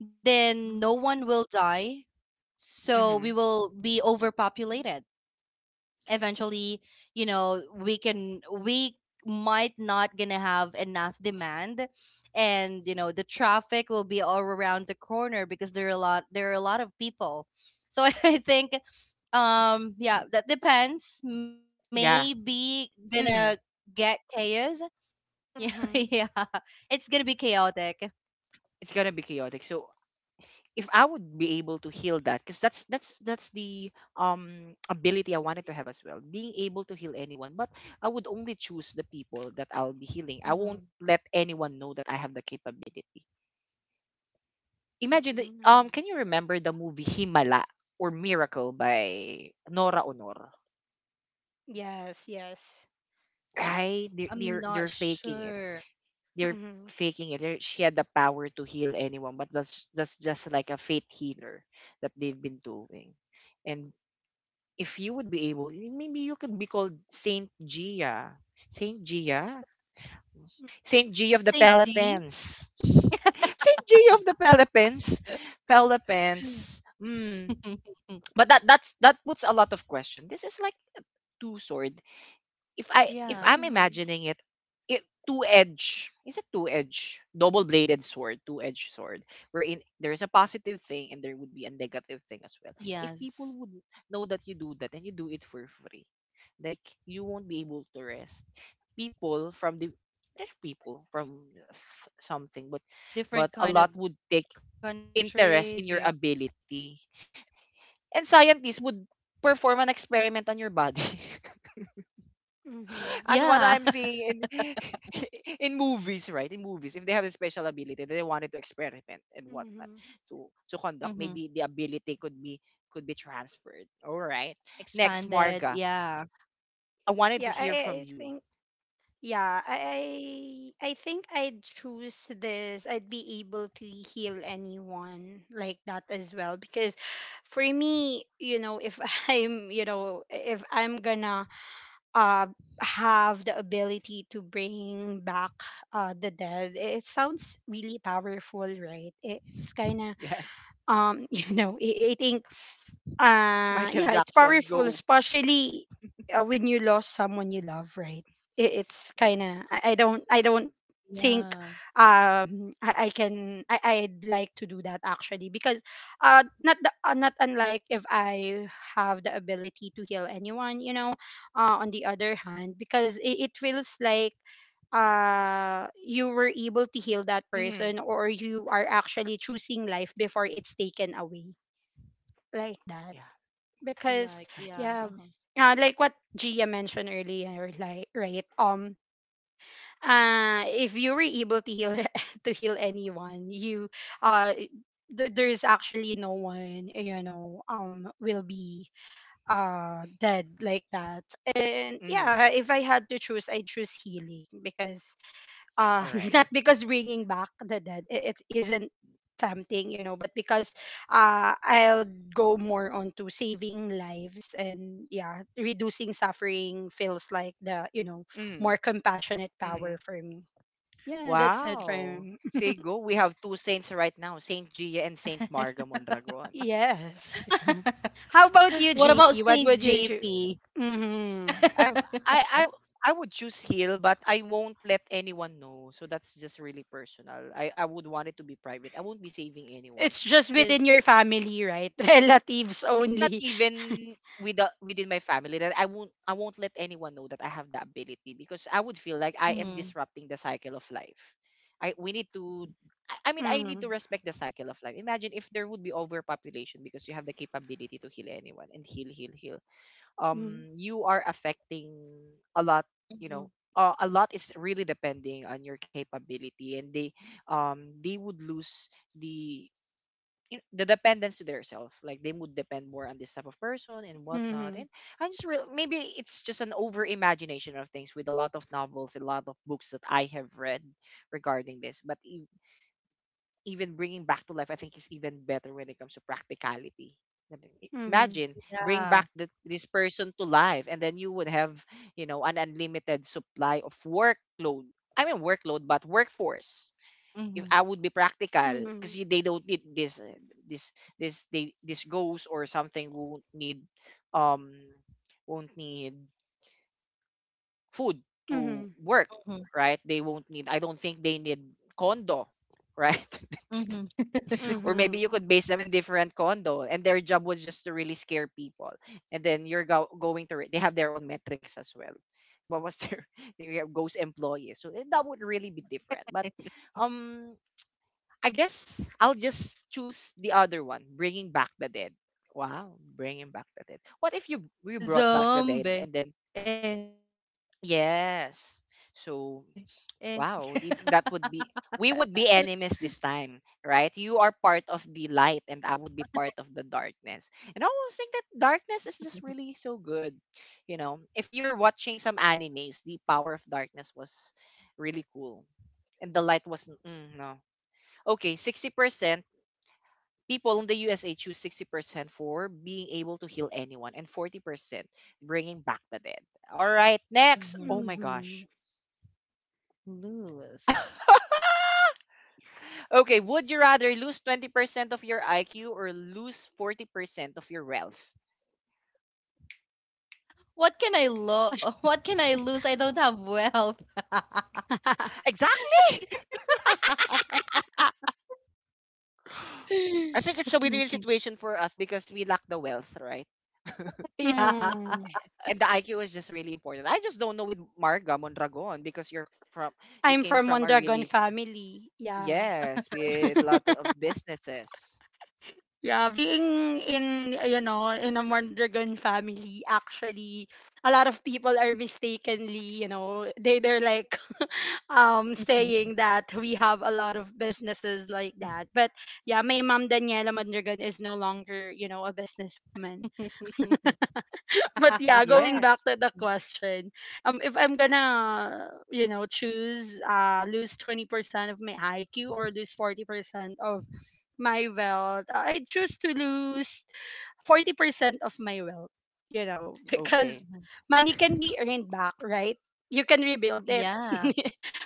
then no
Mm-hmm.
one will die. So
Mm-hmm.
we will be overpopulated. Eventually, you know, we can we might not gonna have enough demand. And you know, the traffic will be all around the corner because there are a lot there are a lot of people. So I think, yeah, that depends.
Yeah.
Maybe gonna
Mm-hmm.
get chaos. Yeah, yeah.
Mm-hmm.
It's gonna be chaotic.
It's gonna be chaotic. So if I would be able to heal that, because that's the ability I wanted to have as well, being able to heal anyone. But I would only choose the people that I'll
Mhm.
be healing. I won't let anyone know that I have the capability. Imagine the can
Mm-hmm.
you remember the movie Himala or Miracle by Nora Honor?
Yes, yes.
Right?
I'm not
They're faking it.
sure.
They're
Mm-hmm.
faking it. They're- She had the power to heal anyone, but that's just like a fate healer that they've been doing. And if you would be able, maybe you could be called Saint Gia. Saint Gia? Saint Gia of the
Saint G.
Pelopens. Saint Gia of the Pelopens. Pelopens. Hmm. But that that puts a lot of question. This is like two sword if
Yeah.
I'm
Mm-hmm.
imagining it, two edge, is it two edge, double bladed sword, two edge sword, wherein there is a positive thing and there would be a negative thing as well if people
Yes.
would know that you do that and you do it for free, like you won't be able to rest. People from the there's people from something. But
Different kind of
a lot would
countries. Yeah.
take interest in your ability and scientists would perform an experiment on your body.
Yeah.
Mm-hmm.
As what I'm seeing in in movies, right? In movies, if they have a special ability, they wanted to experiment and whatnot.
Mm-hmm.
Hmm.
So conduct, maybe the ability could be transferred. All right.
Expanded.
Next,
Yeah.
Marga. I wanted to
Yeah, I,
hear
I
from
I
you.
think, yeah, I I think I'd choose this. I'd be able to heal anyone like that as well because for me, you know, if I'm, you know, if I'm gonna uh have the ability to bring back the dead, it sounds really powerful, right? It's kind of,
Yes.
you know, I think,
Michael
yeah, it's
Jackson,
powerful,
go.
especially when you lost someone you love, right? It, it's kind
Yeah.
of, I don't, I don't think
Yeah.
I can, I'd like to do that actually, because not the, not unlike if I have the ability to heal anyone, you know, on the other hand, because it feels like you were able to heal that
Hmm.
person, or you are actually choosing life before it's taken away, like that,
Yeah.
because
I
Like,
have to
yeah.
agree.
yeah,
Uh-huh.
like what Gia mentioned earlier, like right, if you were able to heal, to heal anyone, you, uh there's actually no one, you know, will be, dead, like that. And
Hmm.
yeah, if I had to choose, I choose healing, because uh
All right.
not because bringing back the dead, it isn't tempting, you know, but because I'll go more onto saving lives. And yeah, reducing suffering feels like the, you know,
Mm-hmm.
more compassionate power for me. Yeah, that's it for
Wow.
me.
Say go. We have two saints right now, Saint Gia and Saint Marga Mondragon.
Yes. How about you,
What about
JP? What
Saint
would you do?
JP?
Mm-hmm.
I I I would choose heal, but I won't let anyone know. So that's just really personal. I would want it to be private. I won't be saving anyone.
It's just within your
Because
family, right? Relatives
it's not
only.
even with within my family that I won't let anyone know that I have the ability because I would feel like I am
Hmm.
disrupting the cycle of life. I we need to I mean, I
Mm-hmm.
need to respect the cycle of life. Imagine if there would be overpopulation because you have the capability to heal anyone and heal, heal, heal.
Mm-hmm.
You are affecting a lot. You know, a lot is really depending on your capability, and they would lose the you know, the dependence to their self. Like they would depend more on this type of person and whatnot.
Mm-hmm.
And I just real, maybe it's just an over imagination of things with a lot of novels, a lot of books that I have read regarding this. But even bringing back to life, I think is even better when it comes to practicality. Then
Mm-hmm.
imagine bring back
Yeah.
this person to life, and then you would have, you know, an unlimited supply of workload. I mean workload, but workforce, if
Mhm.
I would be practical
Mm-hmm.
because they don't need this this this they this ghost or something um won't need food
Mm-hmm.
to work,
Mhm.
right? They won't need, I don't think they need condo, right?
Mhm.
Or maybe you
Mhm.
could base them in different condo and their job was just to really scare people, and then you're go- going to re- they have their own metrics as well. What was their they have ghost employees. So that would really be different. But um I guess I'll just choose the other one, bringing back the dead. Wow, bringing back the dead. What if you brought back the dead
Zombie.
and then
Eh, eh.
yes? So wow, it- that would be we would be enemies this time, right? You are part of the light and I would be part of the darkness. And I always think that darkness is just really so good. You know, if you're watching some animes, the power of darkness was really cool. And the light was mm, no. Okay, 60% people in the USA choose 60% for being able to heal anyone and 40% bringing back the dead. All right, next.
Mhm.
Oh my
Mhm.
gosh.
Lose.
Okay, would you rather lose 20% of your IQ or lose 40% of your wealth?
What can I lo what can I lose? I don't have wealth.
Exactly. Ah, I think it's a win-win situation for us because we lack the wealth, right?
Yeah.
Mm.
And the IQ is just really important. I just don't know with Marga Mondragon because you're from you
I'm
came
from
from a
Mondragon
really
family. Yeah.
yes, with lot of businesses.
Yeah, being in, you know, in a Mondragon family, actually, a lot of people are mistakenly, you know, they they're like saying that we have a lot of businesses like that. But yeah, my mom Daniela Mondragon is no longer, you know, a businesswoman. But yeah, going back
Yes.
to the question, if I'm gonna, you know, choose lose 20% of my IQ or lose 40% of my wealth, I choose to lose 40% of my wealth, you know,
Okay.
because
Mhm.
money can be earned back, right? You can rebuild it.
Yeah.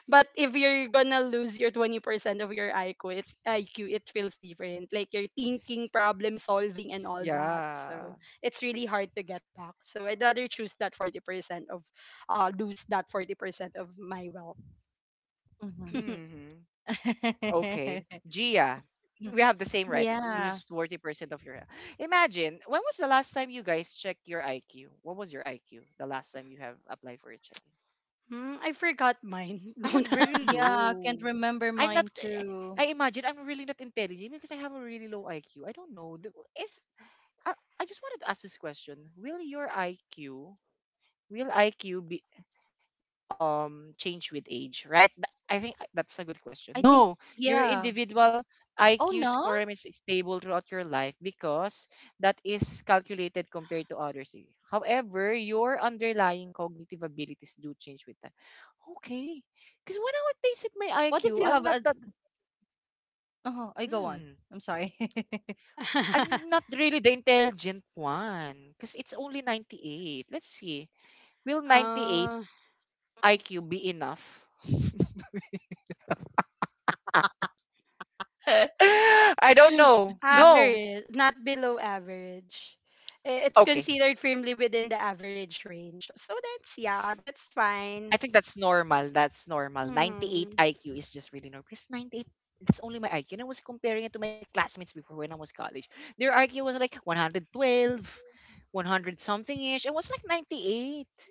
But if you're gonna lose your 20% of your IQ, IQ, it feels different. Like your thinking, problem solving, and all that. So
Yeah.
it's really hard to get back. So I'd rather choose that 40% of, lose that 40% of my wealth.
Mhm.
Hmm. Okay. Gia, we have the same, right?
Yeah.
Lose 40% of your. Imagine, when was the last time you guys checked your IQ? What was your IQ the last time you have applied for a checking?
Hmm, I forgot mine.
I
Don't.
have really
Yeah, can't
low.
remember
I'm
mine
not,
too.
I imagine I'm really not intelligent because I have a really low IQ. I don't know. Is, I, I just wanted to ask this question. Will IQ be, change with age, right? I think that's a good
I
question.
think
No, your
yeah.
individual
Oh
IQ
no?
score remains stable throughout your life because that is calculated compared to others. Eh. However, your underlying cognitive abilities do change with time. Okay. Because when
What
I
if you
would taste
have
it my
a,
IQ, I'm not that
oh, I go on. I'm
mm,
sorry.
I'm not really the intelligent one. Because it's only 98. Let's see. Will 98
uh,
IQ be enough? I don't know. No,
Average, not below average. It's
okay.
considered firmly within the average range. So that's, yeah, that's fine.
I think that's normal. That's normal.
Mm-hmm.
98 IQ is just really normal. Because 98, that's only my IQ. And I was comparing it to my classmates before when I was college. Their IQ was like 112, 100 something ish. I was like 98.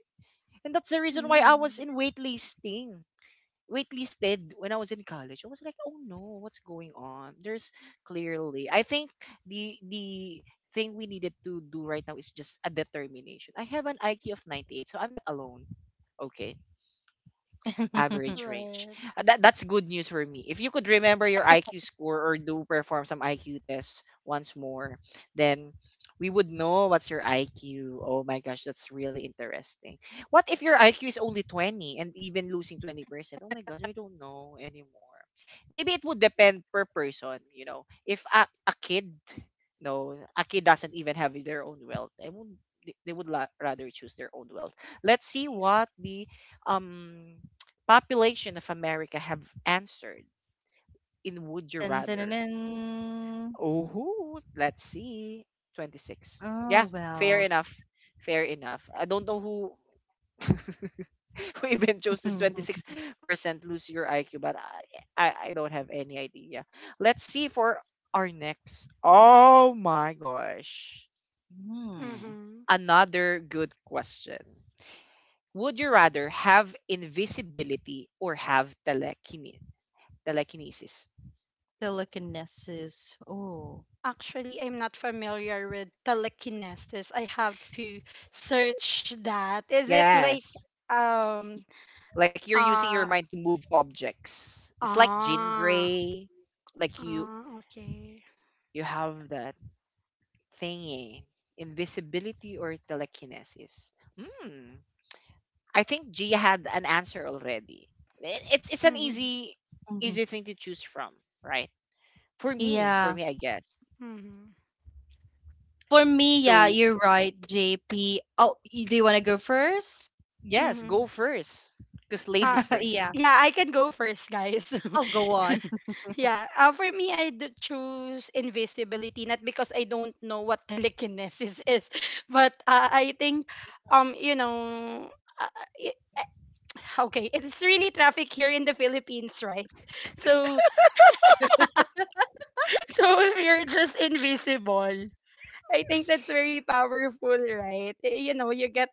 And that's the reason why I
Mm-hmm.
was in waitlisting. Waitlisted when I was in college. I was like, oh no, what's going on? There's clearly, I think the thing we needed to do right now is just a determination. I have an IQ of 98, so I'm not alone. Okay. Average
Right.
range. That's good news for me. If you could remember your IQ score or do perform some IQ tests once more, then we would know what's your IQ. Oh my gosh, that's really interesting. What if your IQ is only 20 and even losing 20%? Oh my gosh, I don't know anymore. Maybe it would depend per person, you know. If a kid, no, a kid doesn't even have their own wealth. I would they would rather choose their own wealth. Let's see what the um population of America have answered in Would You
Dun, dun, dun,
Rather?
dun.
Oh, let's see. 26.
Oh,
Yeah, fair
well.
enough. Fair enough. I don't know who who even chose this 26% lose your IQ, but I don't have any idea. Let's see for our next. Oh my gosh.
Hmm.
Mm-hmm.
Another good question. Would you rather have invisibility or have telekinesis?
Telekinesis. Oh.
Actually, I'm not familiar with telekinesis. I have to search that. Is it like,
Yes.
um
Like you're using your
uh
mind to move objects. It's like Jean
ah,
Grey. Like you
ah, okay.
you have that thingy. Invisibility or telekinesis. Hmm. I think Gia had an answer already. It's an
Mm-hmm.
easy
Mhm.
easy thing to choose from, right? For me, for
Yeah.
me, I guess.
Mm-hmm.
For me, yeah,
So
you're right, JP. Oh, do you want to go first?
yes,
Mm-hmm.
go first. Cause
Uh,
ladies
Yeah.
first.
yeah, I can go first, guys.
Oh, go on.
Yeah, for me, I'd choose invisibility, not because I don't know what telekinesis is, but I think, you know, uh, it, okay, it's really traffic here in the Philippines, right? So, so if you're just invisible, I think that's very powerful, right? You know, you get,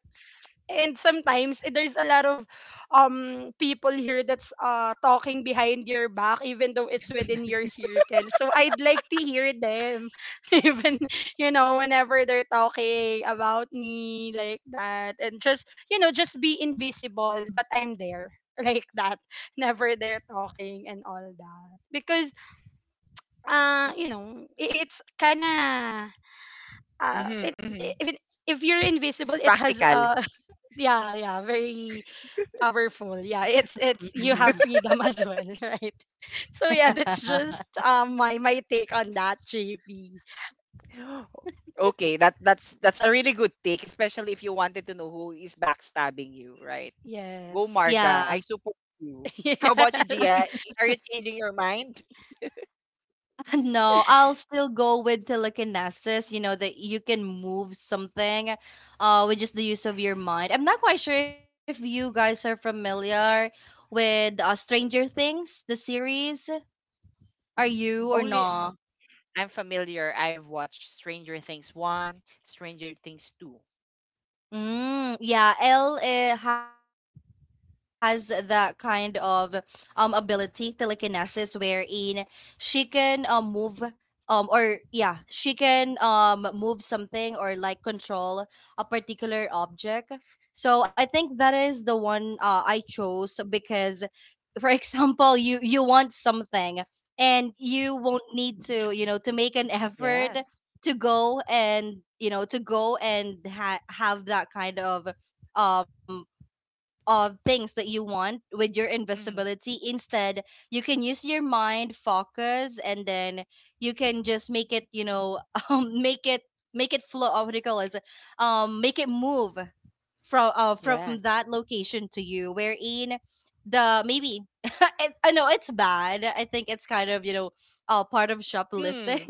and sometimes there's a lot of people here that's talking behind your back, even though it's within your circle. So I'd like to hear them even, you know, whenever they're talking about me like that, and just, you know, just be invisible, but I'm there, like that. Never they're talking and all that, because you know, it's kind of,
Mm-hmm,
it,
mm-hmm.
it, if you're invisible, it has,
Practical.
yeah, yeah, very powerful. Yeah, it's you have freedom, as well, right? So yeah, that's just my my take on that, JP.
Okay, that's a really good take, especially if you wanted to know who is backstabbing you, right? Go
Yes.
Yeah.
Marga, I support you. How about you,
Yes.
Gia? Are you changing your mind?
No, I'll still go with telekinesis, you know, that you can move something with just the use of your mind. I'm not quite sure if you guys are familiar with Stranger Things, the series. Are you or
Only
no?
I'm familiar. I've watched Stranger Things 1, Stranger Things 2.
Mm, yeah, L has that kind of ability, telekinesis, wherein she can move, or yeah, she can move something, or like control a particular object. So I think that is the one I chose because for example you want something, and you won't need to, you know, to make an effort
Yes.
to go and, you know, to go and have that kind um of things that you want with your
Hmm.
invisibility. Instead, you can use your mind, focus, and then you can just make it, you know, make it, flow. What do you call it? Make it move from
Yes.
that location to you. Wherein the maybe it, I know it's bad. I think it's kind of, you know, part of shoplifting.
Hmm.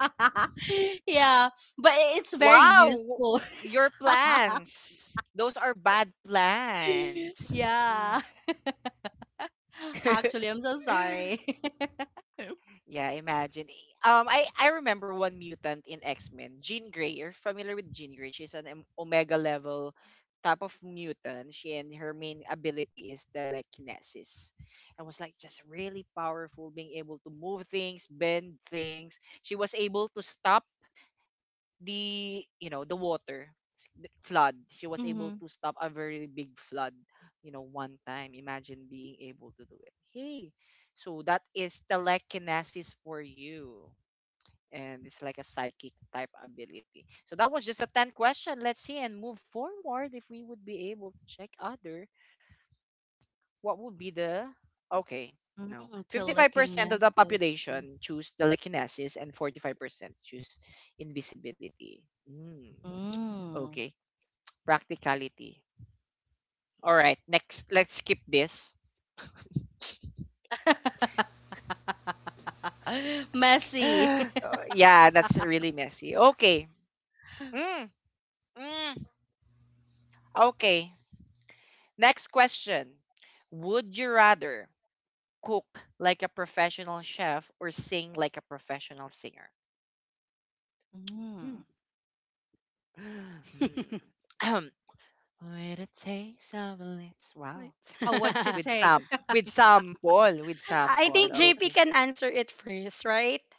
Yeah, but it's very
Wow,
useful.
your plans. Those are bad plans.
Yeah.
Mhm.
Actually, I'm so sorry.
Yeah, imagine. I remember one mutant in X Men, Jean Grey. You're familiar with Jean Grey? She's an Omega level type of mutant. She and her main ability is telekinesis. I was like just really powerful, being able to move things, bend things. She was able to stop the the water the flood. She was able
Mm-hmm.
to stop a very big flood. You know, one time. Imagine being able to do it. Hey, so that is telekinesis for you and it's like a psychic type ability. So that was just a 10 question. Let's see and move forward if we would be able to check other. What would be the okay? No,
Mm,
55% of the
telekinesis too.
population choose telekinesis and 45% choose invisibility. Mm,
Mm.
okay, practicality. All right, next, let's skip this.
Messy.
Yeah, that's really messy. Okay. Mm, mm. Okay. Next question. Would you rather cook like a professional chef or sing like a professional singer?
Mm.
Mm. With a taste of lips.
Wait.
Wow.
Oh, what you
With
think?
some with sample. With
I
sample.
think
Okay.
JP can answer it first, right?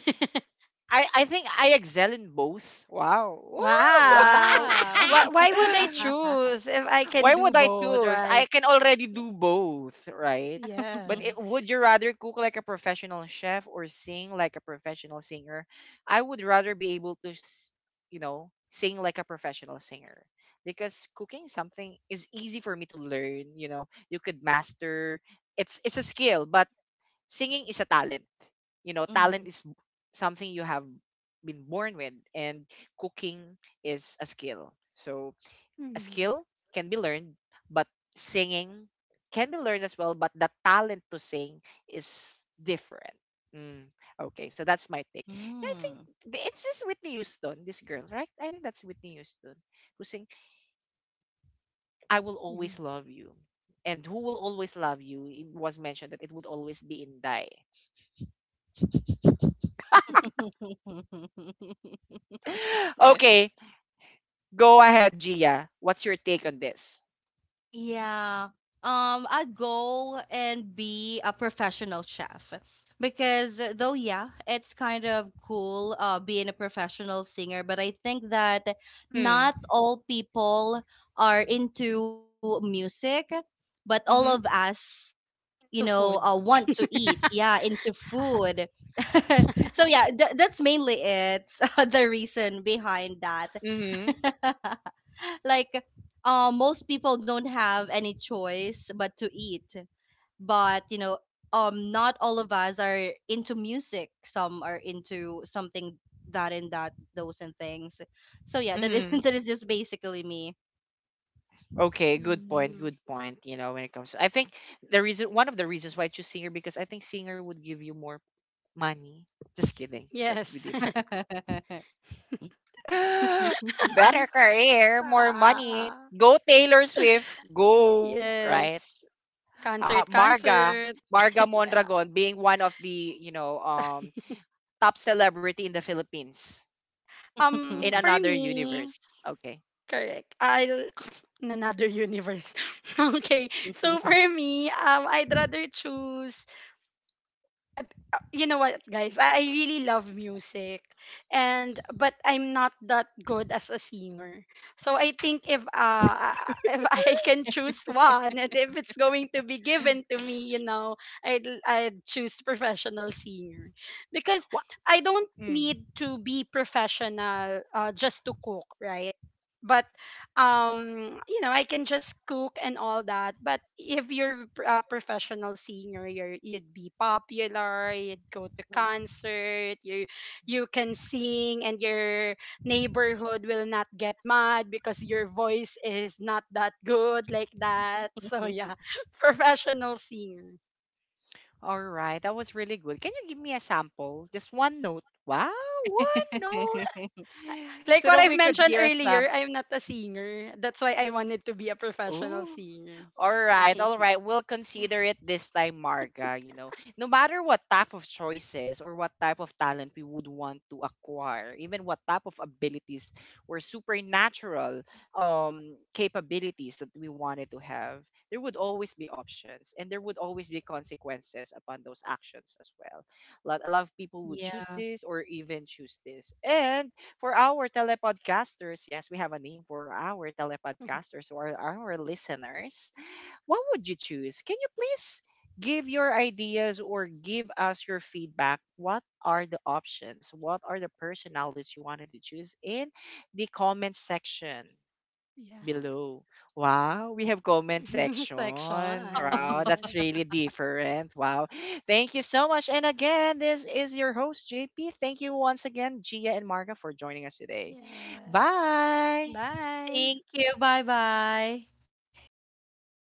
I think I excel in both. Wow. Woo!
Wow.
Wow.
Why would I choose if I
Why
can do
would I
both,
choose? I
right?
can already do both, right? But it,
Yes.
would you rather cook like a professional chef or sing like a professional singer? I would rather be able to, you know, sing like a professional singer because cooking something is easy for me to learn. You know, you could master. It's a skill, but singing is a talent. You know,
Mm-hmm.
talent is something you have been born with, and cooking is a skill. So a
Mhm.
skill can be learned, but singing can be learned as well, but the talent to sing is different. Mm, okay, so that's my take. And I think
Mm.
it's just Whitney Houston, this girl, right? I think that's Whitney Houston who sing I Will Always
Mhm.
Love You. And Who Will Always Love You it was mentioned that it would always be in die. Okay, go ahead, Gia. What's your take on this?
Yeah. I'd go and be a professional chef because though yeah, it's kind of cool being a professional singer, but I think that
Mm,
not all people are into music, but all of
mm-hmm,
us, you
To
know,
food.
want to eat, yeah, into food. So yeah, that's mainly it. The reason behind that.
mm-hmm,
Like, most people don't have any choice but to eat. But you know, not all of us are into music. Some are into something that and that those and things. So yeah, that is
mm-hmm.
that is just basically me.
Okay, good point.
Mhm.
Good point. You know, when it comes to, I think the reason, one of the reasons why I choose singer because I think singer would give you more money. Just kidding. That would be
Yes.
different. Better career, more money.
Ah.
Go Taylor Swift. Go, right?
Yes. Concert,
Marga.
concert.
Marga
Yeah.
Mondragon being one of the, top celebrity in the Philippines in
For
another universe.
me,
Okay.
correct. I'll in another universe. Okay. So for me, I'd rather choose uh, you know what guys, I really love music. And but I'm not that good as a singer. So I think if if I can choose one and if it's going to be given to me, you know, I'd choose professional singer, because
What?
I don't need to be professional, just to cook, right? But you know, I can just cook and all that. But if you're a professional singer, you're, you'd be popular, you'd go to concert, you can sing and your neighborhood will not get mad because your voice is not that good, like that. So yeah, professional singer.
All right, that was really good. Can you give me a sample? Just one note. Wow, one note.
Like
So
what
that
I've
we could
mentioned
hear a
earlier,
sample.
I'm not a singer, that's why I wanted to be a professional
Ooh.
singer.
All right, all right. We'll consider it this time, Marga. You know, no matter what type of choices or what type of talent we would want to acquire, even what type of abilities or supernatural capabilities that we wanted to have, there would always be options and there would always be consequences upon those actions as well. A lot of people would choose
Yeah.
this or even choose this. And for our telepodcasters, yes, we have a name for our telepodcasters or our listeners, what would you choose? Can you please give your ideas or give us your feedback? What are the options? What are the personalities you wanted to choose in the comment section
Yes.
below? Wow, we have comment section.
It's like Sean.
Wow,
Yes.
that's really different. Wow. Thank you so much. And again, this is your host, JP. Thank you once again, Gia and Marga, for joining us today.
Yes. Yes.
Bye.
Bye.
Thank you. Bye bye.